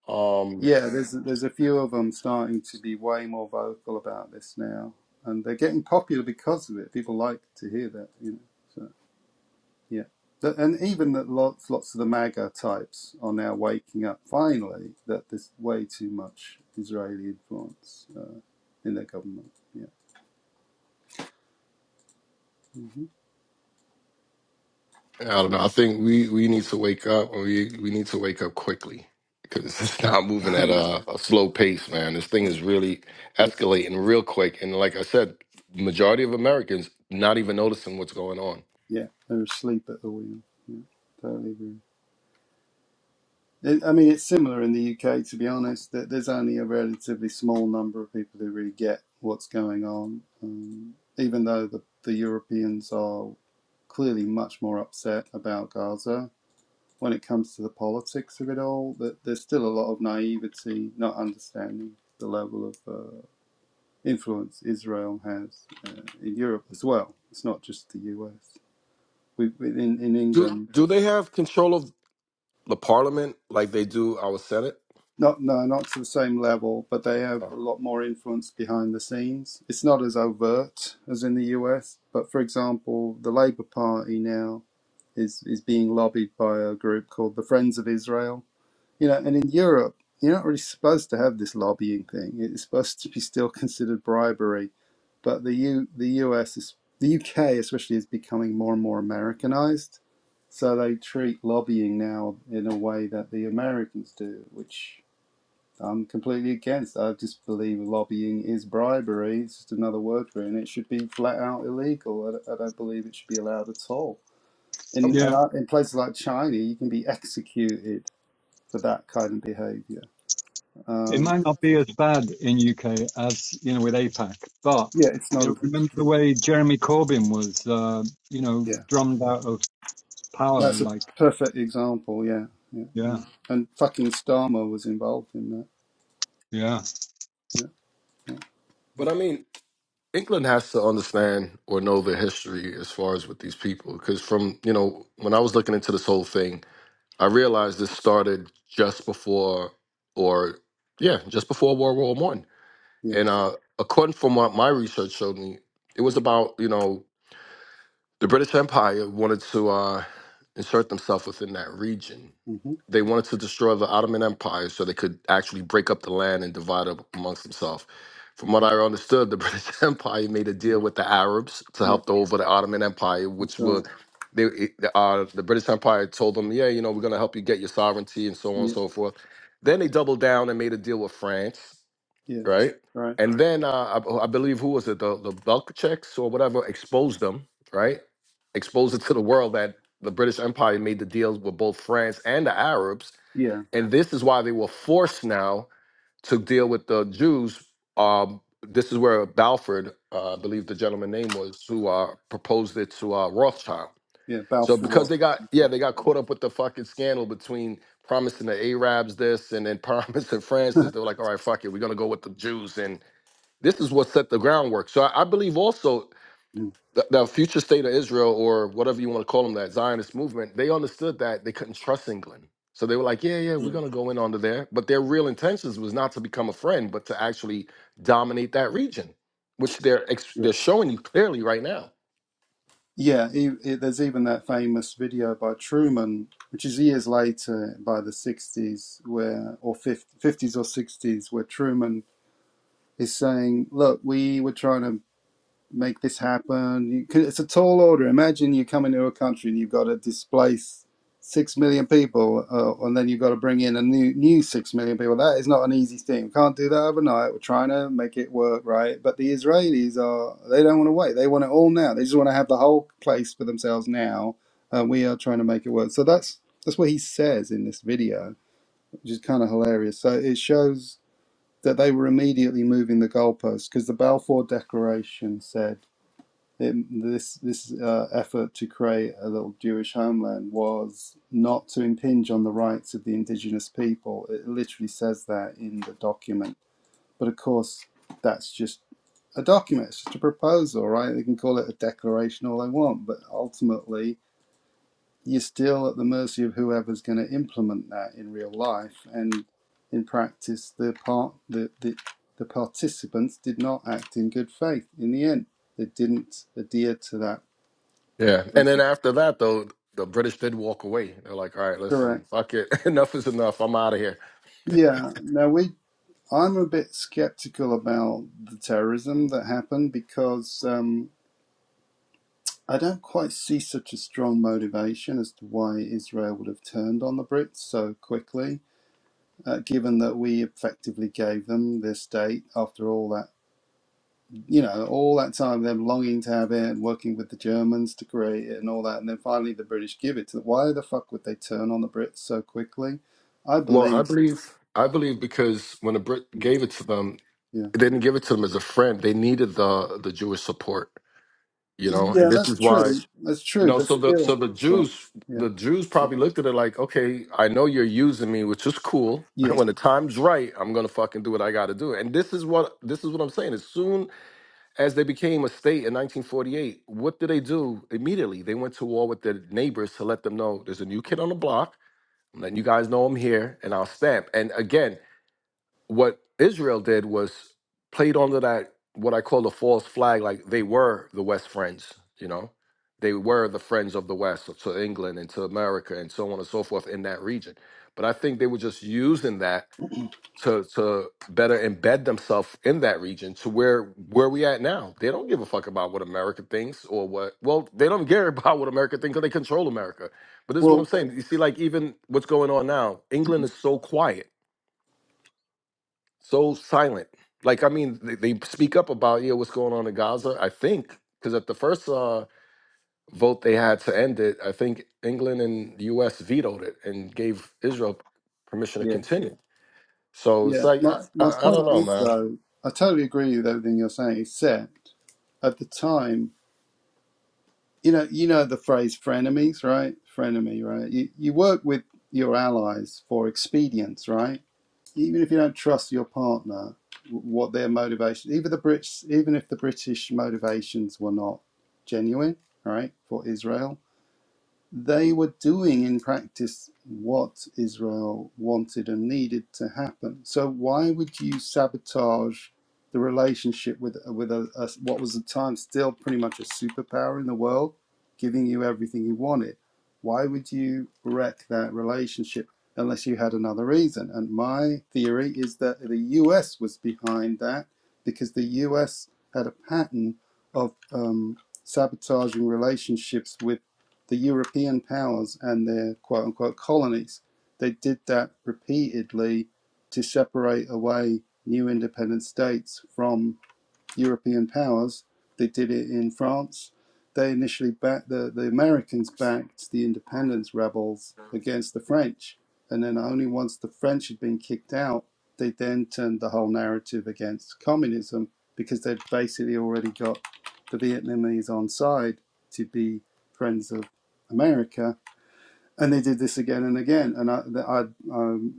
Um,
yeah there's there's a few of them starting to be way more vocal about this now and they're getting popular because of it people like to hear that you know So yeah. and even that lots, lots of the MAGA types are now waking up finally that there's way too much Israeli influence uh, in their government. Yeah. hmm
I don't know. I think we we need to wake up, and we we need to wake up quickly because it's not moving at a, a slow pace, man. This thing is really
yeah.
escalating real quick, and like I said, majority of Americans not even noticing what's going on.
Yeah. They're asleep at the wheel. Yeah. Totally agree. It, I mean, it's similar in the UK, to be honest. That there's only a relatively small number of people who really get what's going on, um, even though the, the Europeans are clearly much more upset about Gaza when it comes to the politics of it all, that there's still a lot of naivety, not understanding the level of uh, influence Israel has uh, in Europe as well. It's not just the US. We, in, in
do
England,
do they have control of the parliament like they do our Senate?
not no, not to the same level, but they have a
Uh,
lot more influence behind the scenes. It's not as overt as in the US, but for example, the Labour Party now is is being lobbied by a group called the Friends of Israel, You know, and in Europe, you're not really supposed to have this lobbying thing. It's supposed to be still considered bribery. But the U, the US is the UK especially is becoming more and more Americanized. So they treat lobbying now in a way that the Americans do, which I'm completely against. I just believe lobbying is bribery. It's just another word for it, and it should be flat out illegal. I, I don't believe it should be allowed at all.
um,
In,
Yeah.
in places like China, you can be executed for that kind of behavior.
it
Um,
might not be as bad in UK as you know with APAC, but
yeah, it's
you
not
know
as
remember the
extreme.
way Jeremy Corbyn was uh, you know
Yeah,
drummed out of power
that's a
like
perfect example. Yeah, yeah,
yeah
and, and fucking Starmer was involved in that.
yeah
Yeah, yeah,
but I mean, England has to understand or know their history as far as with these people. Because from, you know, when I was looking into this whole thing, I realized this started just before, or yeah, just before World War One.
yeah.
And uh, according from what my research showed me, it was about, you know, the British Empire wanted to uh, insert themselves within that region
hmm
they wanted to destroy the Ottoman Empire so they could actually break up the land and divide up amongst themselves. From what I understood, the British Empire made a
hmm
deal with the Arabs to
yeah.
help over the Ottoman Empire,
That's
which
right.
would they, it- uh, the British Empire told them, yeah, you know, we're going to help you get your sovereignty and so on and
Yeah,
so forth. Then they doubled down and made a deal with France,
yeah,
right?
right.
And then uh, I, I believe who was it, the the Belkacheks or whatever, exposed them, right? Exposed it to the world that the British Empire made the deals with both France and the Arabs
Yeah,
and this is why they were forced now to deal with the Jews. Um, this is where Balfour, uh, I believe the gentleman's name was, who uh, proposed it to uh, Rothschild.
yeah.
So because
Balfour.
they got yeah they got caught up with the fucking scandal between promising the Arabs this and then promising Francis, they were like, all right, fuck it, we're gonna go with the Jews, and this is what set the groundwork. So I, I believe also
Mm,
the, the future state of Israel or whatever you want to call them, that Zionist movement, they understood that they couldn't trust England. So they were like, yeah, yeah,
yeah,
we're going to go in under there. But their real intentions was not to become a friend, but to actually dominate that region, which they're ex-
yeah.
they're showing you clearly right now.
Yeah, e e- there's even that famous video by Truman, which is years later by the 60s, where or 50, 50s or 60s, where Truman is saying, Look, we were trying to make this happen. You can, it's a tall order. Imagine you come into a country and you've got to displace six million people, uh, and then you've got to bring in a new new six million people. That is not an easy thing. We can't do that overnight. We're trying to make it work, right? But the Israelis are they don't want to wait. They want it all now. They just want to have the whole place for themselves now, and we are trying to make it work. So that's that's what he says in this video, which is kind of hilarious. So it shows. That they were immediately moving the goalposts because the Balfour Declaration said in this this uh, effort to create a little Jewish homeland was not to impinge on the rights of the indigenous people. It literally says that in the document. But of course, that's just a document. It's just a proposal, right? They can call it a declaration all they want, but ultimately, you're still at the mercy of whoever's going to implement that in real life. And in practice, the part the, the the participants did not act in good faith in the end. They didn't adhere to that
Yeah. And
Okay,
then after that, though, the British did walk away. They're like, all right,
correct.
listen, fuck it. enough is enough. I'm out of here.
Yeah. Now we, I'm a bit skeptical about the terrorism that happened because um, I don't quite see such a strong motivation as to why Israel would have turned on the Brits so quickly, uh, given that we effectively gave them this state after all that, you know, all that time them longing to have it and working with the Germans to create it and all that, and then finally the British give it to them. Why the fuck would they turn on the Brits so quickly? I
Well, I
believe.
believe I believe because when the Brit
Mm,
gave it to them,
Yeah.
they didn't give it to them as a friend. They needed the the Jewish support you
Yeah,
know and this
that's
is why
true. That's
you
true,
know
but
so the so
still.
the
Go on.
jews
Yeah,
the jews probably looked at it like okay i know you're using me which is cool when the time's right i'm gonna fucking do what i gotta do and this is what this is what i'm saying as soon as they became a state in 1948 what did they do immediately they went to war with their neighbors to let them know there's a new kid on the block i'm letting you guys know i'm here and i'll stamp and again what Israel did was played onto that what I call a false flag, like they were the West friends, you know, they were the friends of the West to England and to America and so on and so forth in that region. But I think they were just using that
yeah.
to to better embed themselves in that region to where where we at now. They don't give a fuck about what America thinks or what. Well, they don't care about what America thinks because they control America. But this is what I'm
Well,
saying. You see, like even what's going on now, England is so quiet so silent. Like, I mean, they, they speak up about yeah, what's going on in Gaza. I think because at the first uh, vote they had to end it, I think England and the U.S. vetoed it and gave Israel permission to
yeah,
continue. So it's
yeah.
like
My
I,
my
I, I don't
point
know,
is
man.
though, I totally agree with everything you're saying, except at the time, you know, you know the phrase frenemies, right? Frenemy, right? You you work with your allies for expedience, right? Even if you don't trust your partner, w- what their motivation, even the Brits, even if the British motivations were not genuine, right, for Israel, They were doing in practice what Israel wanted and needed to happen. So why would you sabotage the relationship with with a, a, what was at the time still pretty much a superpower in the world, giving you everything you wanted? Why would you wreck that relationship unless you had another reason? And my theory is that the U.S. was behind that because the U.S. had a pattern of um, sabotaging relationships with the European powers and their quote unquote colonies. They did that repeatedly to separate away new independent states from European powers. They did it in France. They initially backed the, the Americans backed the independence rebels against the French. And then only once the French had been kicked out, they then turned the whole narrative against communism because they'd basically already got the Vietnamese on side to be friends of America. And they did this again and again. And I, I, I um,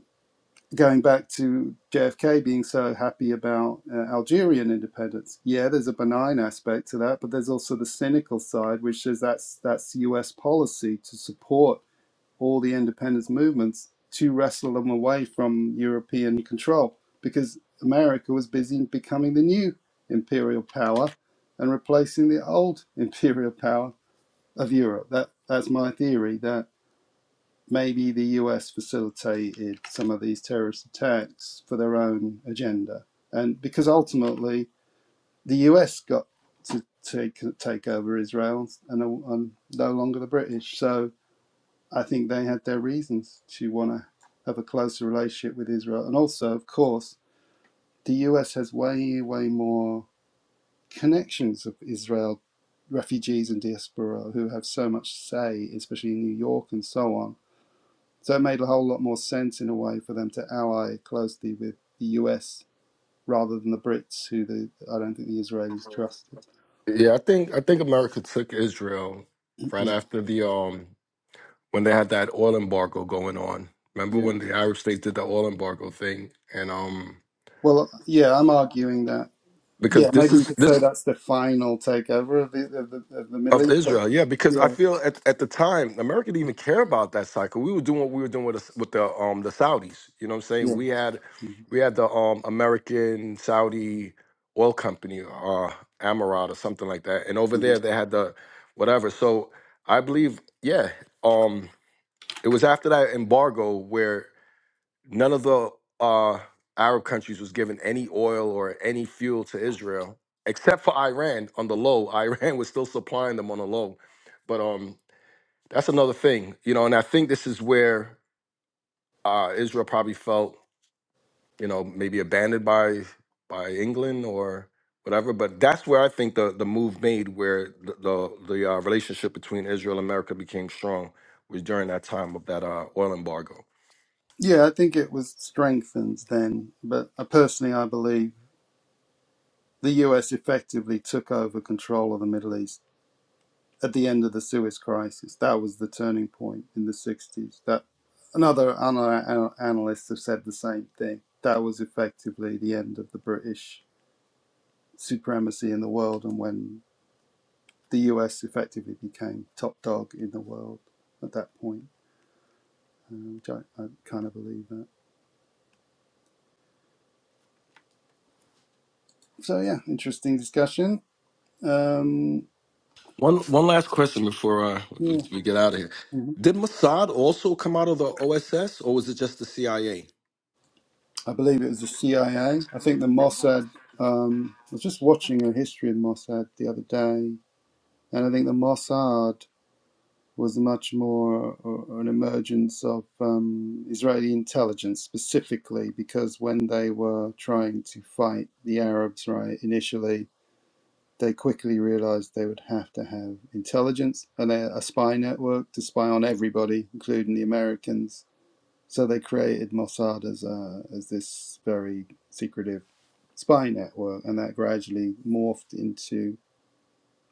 going back to JFK being so happy about uh, Algerian independence. Yeah, there's a benign aspect to that, but there's also the cynical side, which is that's that's U.S. policy to support all the independence movements to wrestle them away from European control, because America was busy becoming the new imperial power and replacing the old imperial power of Europe. That that's my theory. That maybe the US facilitated some of these terrorist attacks for their own agenda. And because ultimately the US got to take, take over Israel and, and no longer the British. So I think they had their reasons to want to have a closer relationship with Israel. And also, of course, the US has way, way more connections of Israel refugees and diaspora who have so much say, especially in New York and so on so it made a whole lot more sense in a way for them to ally closely with the US rather than the Brits, who the, I don't think the Israelis trusted.
Yeah, I think I think America took Israel right after the um when they had that oil embargo going on. Remember
yeah.
when the Arab states did the oil embargo thing and um
Well, yeah, I'm arguing that. Yeah,
because this
maybe you
is
could
this
say that's the final takeover of the of the, of the Middle
Of
East. But
Israel, yeah, because I
yeah,
feel at, at the time America didn't even care about that cycle. We were doing what we were doing with the, with the um the Saudis. You know what I'm saying?
yeah.
We had
Mhm,
we had the um American Saudi oil company, uh Amarat or something like that, and over
mhm.
there they had the whatever. So I believe, yeah, um, it was after that embargo where none of the uh, Arab countries was giving any oil or any fuel to Israel, except for Iran on the low. Iran was still supplying them on the low, but um, that's another thing, you know. And I think this is where uh, Israel probably felt, you know, maybe abandoned by by England or whatever. But that's where I think the the move made, where the the, the uh, relationship between Israel and America became strong, was during that time of that uh, oil embargo.
Yeah, I think it was strengthened then, but I personally I believe the US effectively took over control of the Middle East at the end of the Suez Crisis. That was the turning point in the 60s. That another ana- analysts have said the same thing. That was effectively the end of the British supremacy in the world, and when the US effectively became top dog in the world at that point, uh, which I, I kind of believe that. So yeah, interesting discussion. Um,
One one last question before uh, we
yeah,
we get out of here.
mhm.
Did Mossad also come out of the OSS, or was it just the CIA?
I believe it was the CIA. I A. I think the Mossad. Um, I was just watching a history of Mossad the other day And I think the Mossad was much more uh, an emergence of um, Israeli intelligence specifically, because when they were trying to fight the Arabs, right, initially, they quickly realized they would have to have intelligence and a spy network to spy on everybody, including the Americans. So they created Mossad as, a, as this very secretive spy network, and that gradually morphed into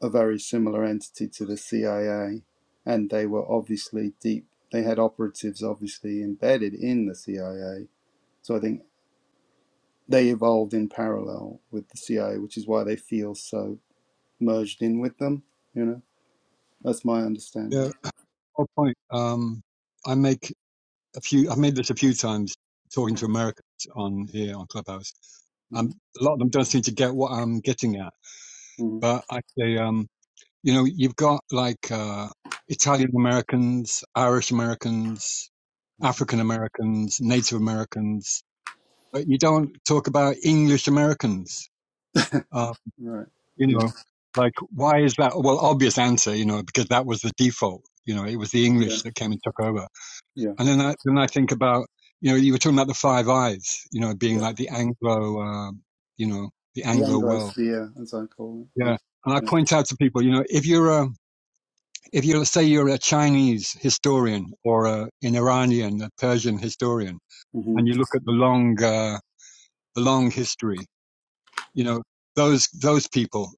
a very similar entity to the CIA, and they were obviously deep. They had operatives obviously embedded in the CIA. So I think they evolved in parallel with the CIA, which is why they feel so merged in with them. You know, that's my
yeah
understanding.
whole point um I make a few I've made this a few times talking
Mm,
to Americans on here on Clubhouse
mhm,
um a lot of them don't seem to get what I'm getting at
mhm,
but I say um you know you've got like uh Italian Americans Irish Americans
mhm.
African Americans Native Americans but you don't talk about English Americans. Uh,
Right.
you
Yeah.
know, like why is that? Well, obvious answer, you know, because that was the default. You know, it was the English
Yeah.
that came and took over.
Yeah.
And then I then I think about you know you were talking about the Five Eyes, you know, being
Yeah.
like the Anglo, uh, you know, the
The
Anglo world.
Anglosphere, as I call it.
Yeah.
Yeah.
And I
Yeah.
point out to people, you know, if you're a, if you're, say you're a Chinese historian or a, an Iranian, a Persian historian,
hmm
and you look at the long, uh, the long history, you know, those those people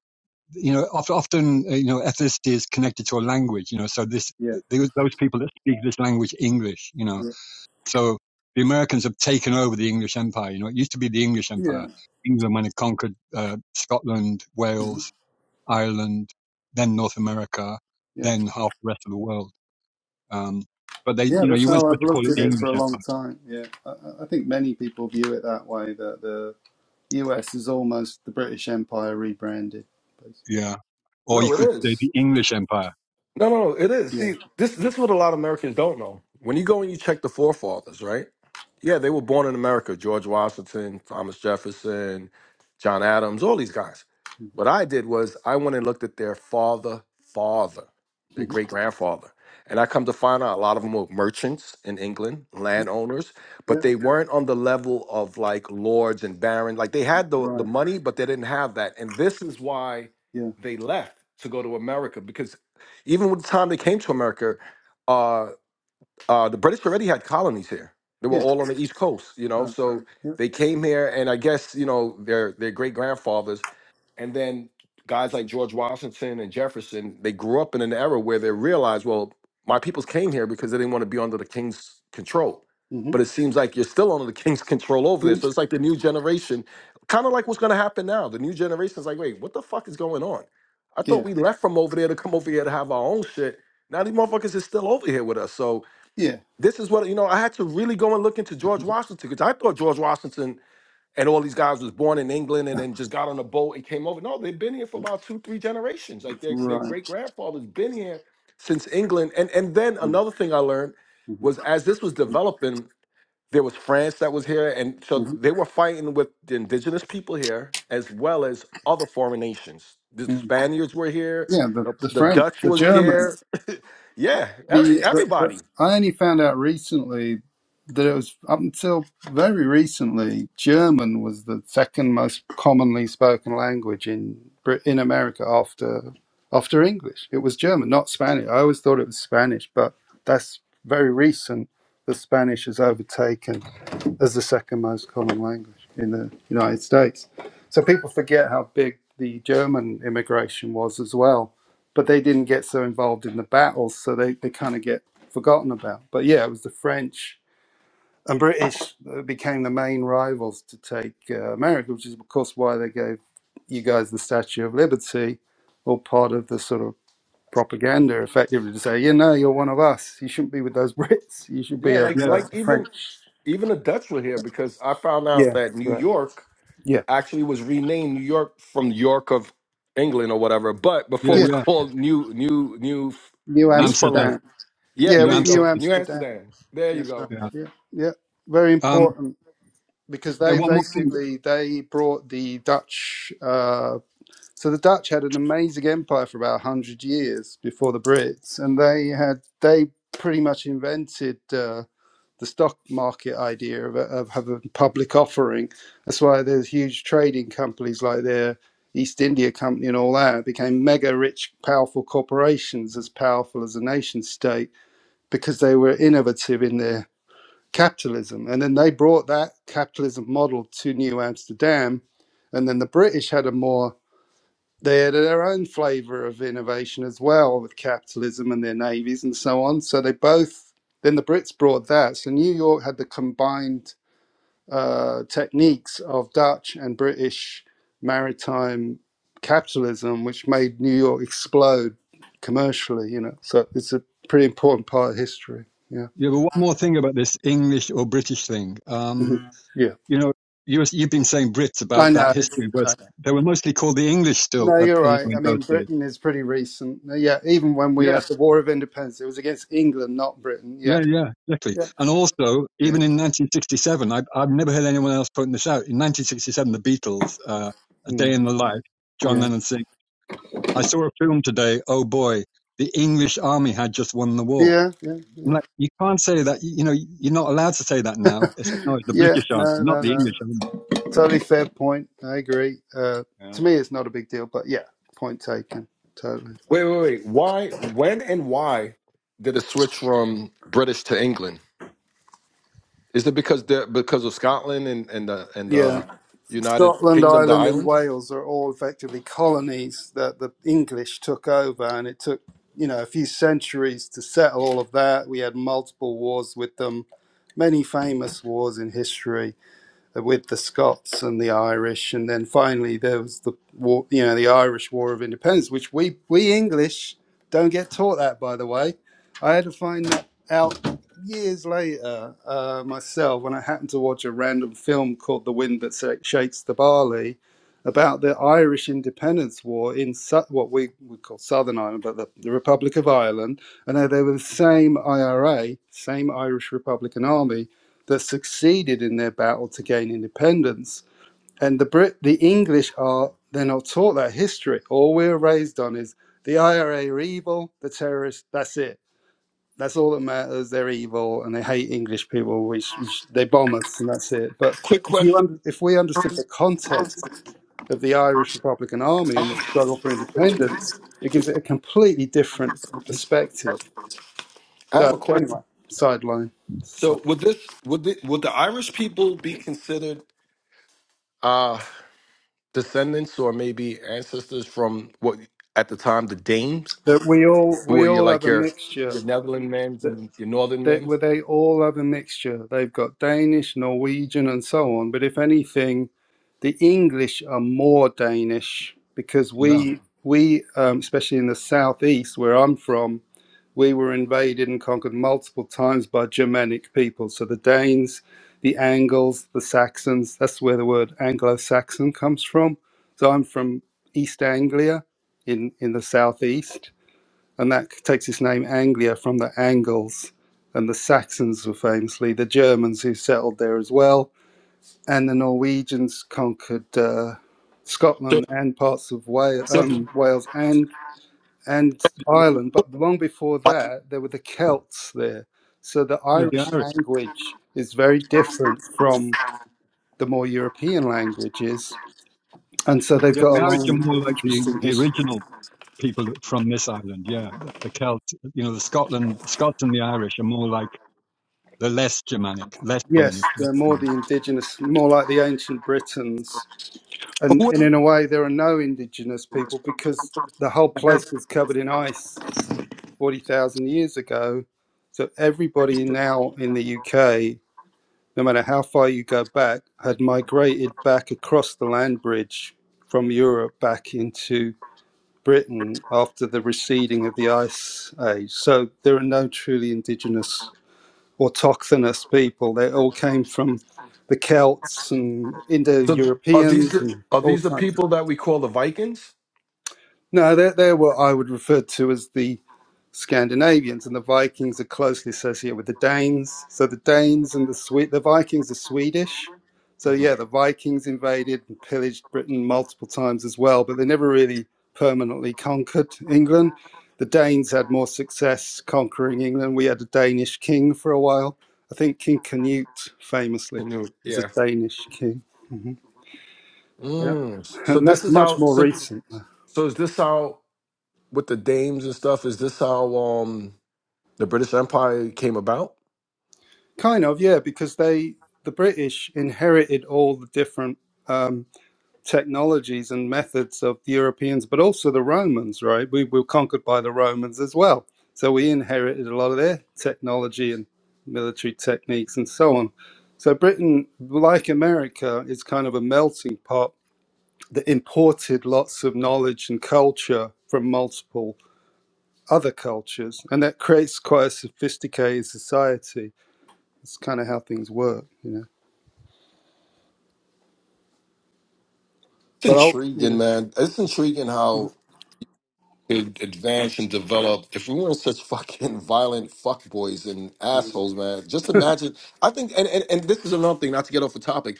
you know, often, uh, you know, ethnicity is connected to a language, you know, so this,
Yeah.
those people that speak this language, English, you know,
Yeah.
so the Americans have taken over the English empire, you know, it used to be the English
Yeah.
empire, England when it conquered, uh, Scotland,
hmm
Wales, Ireland, then North America, then half the rest of the world. Um, but they,
Yeah,
you know,
that's
you weren't
how
supposed
I've
to call
looked
it
at
the
it for
English
a long
empire.
time. Yeah, I, I I think many people view it that way. That the US is almost the British Empire rebranded. Basically.
Yeah. Or you
No, it
could say
is.
the English empire.
No, no, no, it is.
Yeah.
See, this this is what a lot of Americans don't know. When you go and you check the forefathers, right? Yeah, they were born in America. George Washington, Thomas Jefferson, John Adams, all these guys. What I did was I went and looked at their father, father, their
Mhm.
great grandfather. And I come to find out a lot of them were merchants in England, landowners, but
Yeah.
they weren't on the level of like lords and barons. Like they had the, the
Right.
money, but they didn't have that. And this is why
Yeah.
they left to go to America because even with the time they came to America, uh, uh, the British already had colonies here. They were
Yeah.
all on the East Coast, you know.
Right.
So
Yeah.
they came here, and I guess you know their their great grandfathers and then guys like George Washington and Jefferson, they grew up in an era where they realized, well, my peoples came here because they didn't want to be under the king's control. But
Mm-hmm.
it seems like you're still under the king's control over there. So it's like the new generation, kind of like what's going to happen now. The new generation is like, wait, what the fuck is going on? I thought
Yeah.
we left from over there to come over here to have our own shit. Now these motherfuckers is still over here with us. So
Yeah.
this is what, you know, I had to really go and look into George Washington because I thought George Washington and all these guys was born in England and then just got on a boat and came over. No, they've been here for about two, three generations. Like their their
Right.
great grandfather's been here since England. And and then another thing I learned
Mm-hmm.
was as this was developing, there was France that was here, and so they were fighting with the indigenous people here as well as other foreign nations. The
hmm
Spaniards were here,
Yeah. The
the,
the
the
French,
Dutch
the
was
Germans.
here. yeah,
The,
every,
the, the
everybody.
I only found out recently that it was up until very recently German was the second most commonly spoken language in Brit- in America after after English. It was German, not Spanish. I always thought it was Spanish, but that's very recent. The Spanish has overtaken as the second most common language in the United States. So people forget how big the German immigration was as well, but they didn't get so involved in the battles, so they, they kind of get forgotten about. But yeah, it was the French and British that became the main rivals to take uh, America, which is, of course, why they gave you guys the Statue of Liberty, all part of the sort of propaganda effectively to say, you know, you're one of us. You shouldn't be with those Brits. You should be
Yeah,
a,
like
Yeah.
a,
like even
French.
even the Dutch were here because I found out
Yeah,
that
that's
New
right.
York.
Yeah.
actually was renamed New York from York of England or whatever. But before
Yeah.
it
Yeah,
was
Yeah.
called New New New
New
Amsterdam,
Amsterdam.
Newfoundland. Yeah,
Yeah, it
New
there
was
you
New
go.
Amsterdam.
New
Amsterdam.
Amsterdam. There you
That's right.
go.
Yeah.
Yeah, yeah, very
Um,
important because
yeah.
they
One more thing.
basically they brought the Dutch. Uh, so the Dutch had an amazing empire for about hundred years before the Brits, and they had they pretty much invented. Uh, the stock market idea of, of having a public offering. That's why there's huge trading companies like the East India Company and all that became mega rich, powerful corporations as powerful as a nation state because they were innovative in their capitalism. And then they brought that capitalism model to New Amsterdam. And then the British had a more they had their own flavor of innovation as well with capitalism and their navies and so on. So they both, then the Brits brought that. So New York had the combined uh, techniques of Dutch and British maritime capitalism, which made New York explode commercially, you know. So it's a pretty important part of history. Yeah.
Yeah, but one more thing about this English or British thing. Um,
Yeah.
you know, you, you've been saying Brits
I
about that
know. It's,
history, but
I
they were mostly called the English still
No,
at,
you're
you
right.
know,
I
in those
mean,
days.
Britain is pretty recent. Yeah, even when we
Yeah,
had the War of Independence, it was against England, not Britain. Yeah.
yeah, yeah, exactly.
Yeah.
And also,
Yeah.
even in 1967, I, I've never heard anyone else putting this out. In 1967, the Beatles, uh, A Day
Mm.
in the Life, John
Yeah.
Lennon sing, I saw a film today, oh boy, the English army had just won the war.
Yeah.
I'm
Yeah.
like, you can't say that, you, you know, you're not allowed to say that
Yeah.
now. It's like, no, it's the
yeah.
British army,
No,
not
no,
the
no.
English army.
Totally fair point. I agree. Uh,
Yeah.
to me, it's not a big deal, but yeah, point taken. Totally.
Wait, wait, wait. Why? When and why did it switch from British to England? Is it because the because of Scotland and and the and
Yeah.
the United
Scotland,
Kingdom, the
Ireland, and
islands?
Wales are all effectively colonies that the English took over, and it took you know a few centuries to settle all of that. We had multiple wars with them, many famous wars in history with the Scots and the Irish, and then finally there was the war, you know, the Irish War of Independence, which we we English don't get taught that, by the way. I had to find that out years later uh, myself when I happened to watch a random film called "The Wind That Shakes the Barley" about the Irish Independence War in su- what we would call Southern Ireland, but the, the Republic of Ireland, and they they were the same IRA, same Irish Republican Army that succeeded in their battle to gain independence. And the Brit, the English are they're not taught that history. All we're raised on is the IRA are evil, the terrorists. That's it. That's all that matters. They're evil and they hate English people. Which they bomb us, and that's it. But
Quick
if you
question.
under, if we understood the context of the Irish Republican Army and the
I
struggle for independence, it gives it a completely different perspective.
have a
So
question.
anyway, sideline. So,
So would this would the, would the Irish people be considered? Uh, descendants or maybe ancestors from what at the time the Danes,
that we all
who
we
were your
all have
like
a
your
mixture.
your Netherland men's
that.
and your Northern
they, well,
men's?
they all have a mixture. They've got Danish, Norwegian, and so on. But if anything, the English are more Danish because
Yeah.
we we um, especially in the southeast where I'm from, we were invaded and conquered multiple times by Germanic people. So the Danes, the Angles, the Saxons. That's where the word Anglo-Saxon comes from. So I'm from East Anglia in in the southeast and that takes its name Anglia from the Angles. And the Saxons were famously the Germans who settled there as well, and the Norwegians conquered uh,
So,
Scotland and parts of Wales,
so,
um, Wales and and Ireland. But long before
like,
that, there were the Celts there. So the
Yeah, the
Irish
Irish.
language is very different from the more European languages, and so they've
Yeah,
got
the
a
Irish are
long,
more like the,
interesting
the
history.
original people from this island. Yeah, the, the Celts. You know, the Scotland, Scots and the Irish are more like the less Germanic, less Danish.
Yes,
Less,
they're more
you
the indigenous, more like the ancient Britons
so
and,
who, are,
and in a way, there are no indigenous people because the whole place was covered in ice 40,000 years ago. So everybody now in the UK, no matter how far you go back, had migrated back across the land bridge from Europe back into Britain after the receding of the ice age. So there are no truly indigenous autochthonous people. They all came from the Celts and Indo
so are these
Europeans
the,
and
are
all
these the
kinds of.
people that we call the Vikings?
No, they're, they're what I would refer to as the Scandinavians, and the Vikings are closely associated with the Danes. So the Danes and the Swe the Vikings are Swedish. So
hmm
yeah, the Vikings invaded and pillaged Britain multiple times as well, but they never really permanently conquered England. The Danes had more success conquering England. We had a Danish king for a while. I think King Canute famously was a
yeah.
Danish king. Yeah.
Mm. So
And
this
that's
is
much
how.
more
So
recent.
so is this how? with the dames and stuff? Is this how um the British Empire came about?
Kind of, yeah, because they the British inherited all the different um, technologies and methods of the Europeans, but also the Romans, right? We were conquered by the Romans as well, so we inherited a lot of their technology and military techniques and so on. So Britain, like America, is kind of a melting pot that imported lots of knowledge and culture from multiple other cultures, and that creates quite a sophisticated society. It's kind of how things work, you know.
It's
But I'll,
intriguing,
you
man. It's intriguing how it advanced and developed. If we weren't such fucking violent fuckboys and
know,
assholes, man, just imagine. I think, and, and, and this is another thing, not to get off the topic.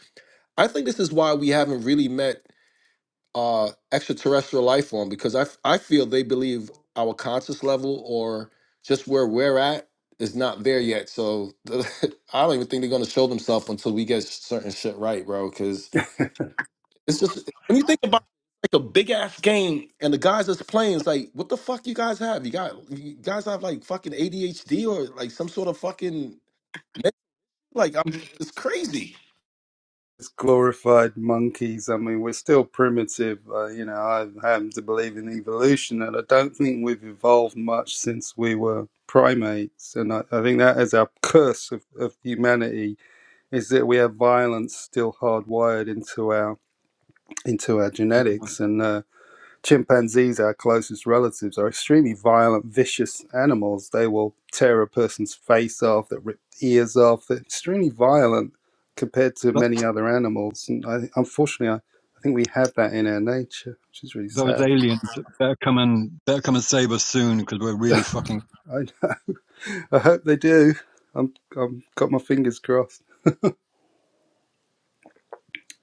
I think this is why we haven't really met. uh extraterrestrial life form because I f- I feel they believe our conscious level or just where we're at is not there yet. So I don't even think they're gonna show themselves until we get certain shit right, bro. Because it's just when you think about like a big ass game and the guys that's playing, it's like what the fuck you guys have? You got you guys have like fucking ADHD or like some sort of fucking like I'm it's crazy.
it's glorified monkeys. I mean, we're still primitive. Uh, you know, I happen to believe in evolution, and I don't think we've evolved much since we were primates. And I, I think that is our curse of, of humanity is that we have violence still hardwired into our into our
know,
genetics. And uh, Chimpanzees, our closest relatives, are extremely violent, vicious animals. They will tear a person's face off, they rip ears off. They're extremely violent compared to
Th-
many other animals. And I, unfortunately, I, I think we have that in our nature, which is really
those
sad.
aliens, they're coming. They're coming to save us soon because we're really fucking.
I, I hope they do. I'm, I'm got my fingers crossed.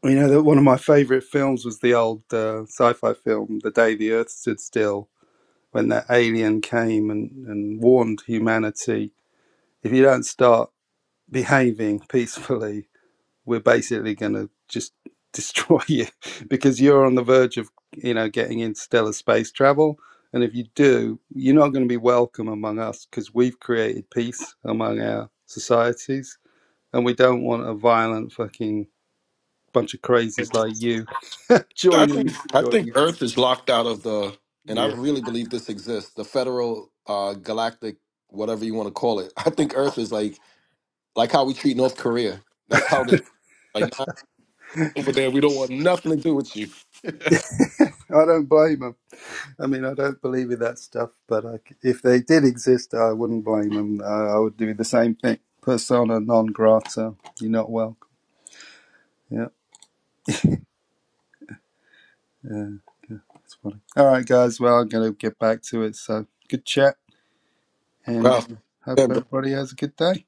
You know that one of my favourite films was the old uh, sci-fi film, The Day the Earth Stood Still, when that alien came and, and warned humanity: if you don't start behaving peacefully, we're basically going to just destroy you because you're on the verge of, you know, getting interstellar space travel. And if you do, you're not going to be welcome among us because we've created peace among our societies. And we don't want a violent fucking bunch of crazies like you
I think
joining
I think
joining us.
Earth is locked out of the, and I
Yeah.
really believe this exists. The federal uh, galactic, whatever you want to call it. I think Earth is like like how we treat North Korea. That's how they like nah, over there. We don't want nothing to do with you,
I don't blame them. I mean, I don't believe in that stuff, but I c if they did exist, I wouldn't blame them. I, I would do the same thing. Persona non grata. You're not welcome. Yeah, yeah, it's funny. All right, guys. Well, I'm going to get back to it. So good chat, and uh,
Ralph.
hope
Again, bro.
everybody has a good day.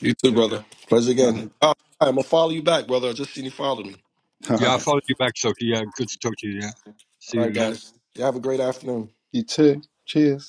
You too,
Yeah,
brother. Pleasure
Uh-huh.
again. Uh, I'm gonna follow you back, brother. I just seen you follow me.
All
yeah. I
right.
followed you back, Sophie. Yeah, good to talk to you. Yeah, see
All right,
you later.
guys. You have a great afternoon.
You too. Cheers.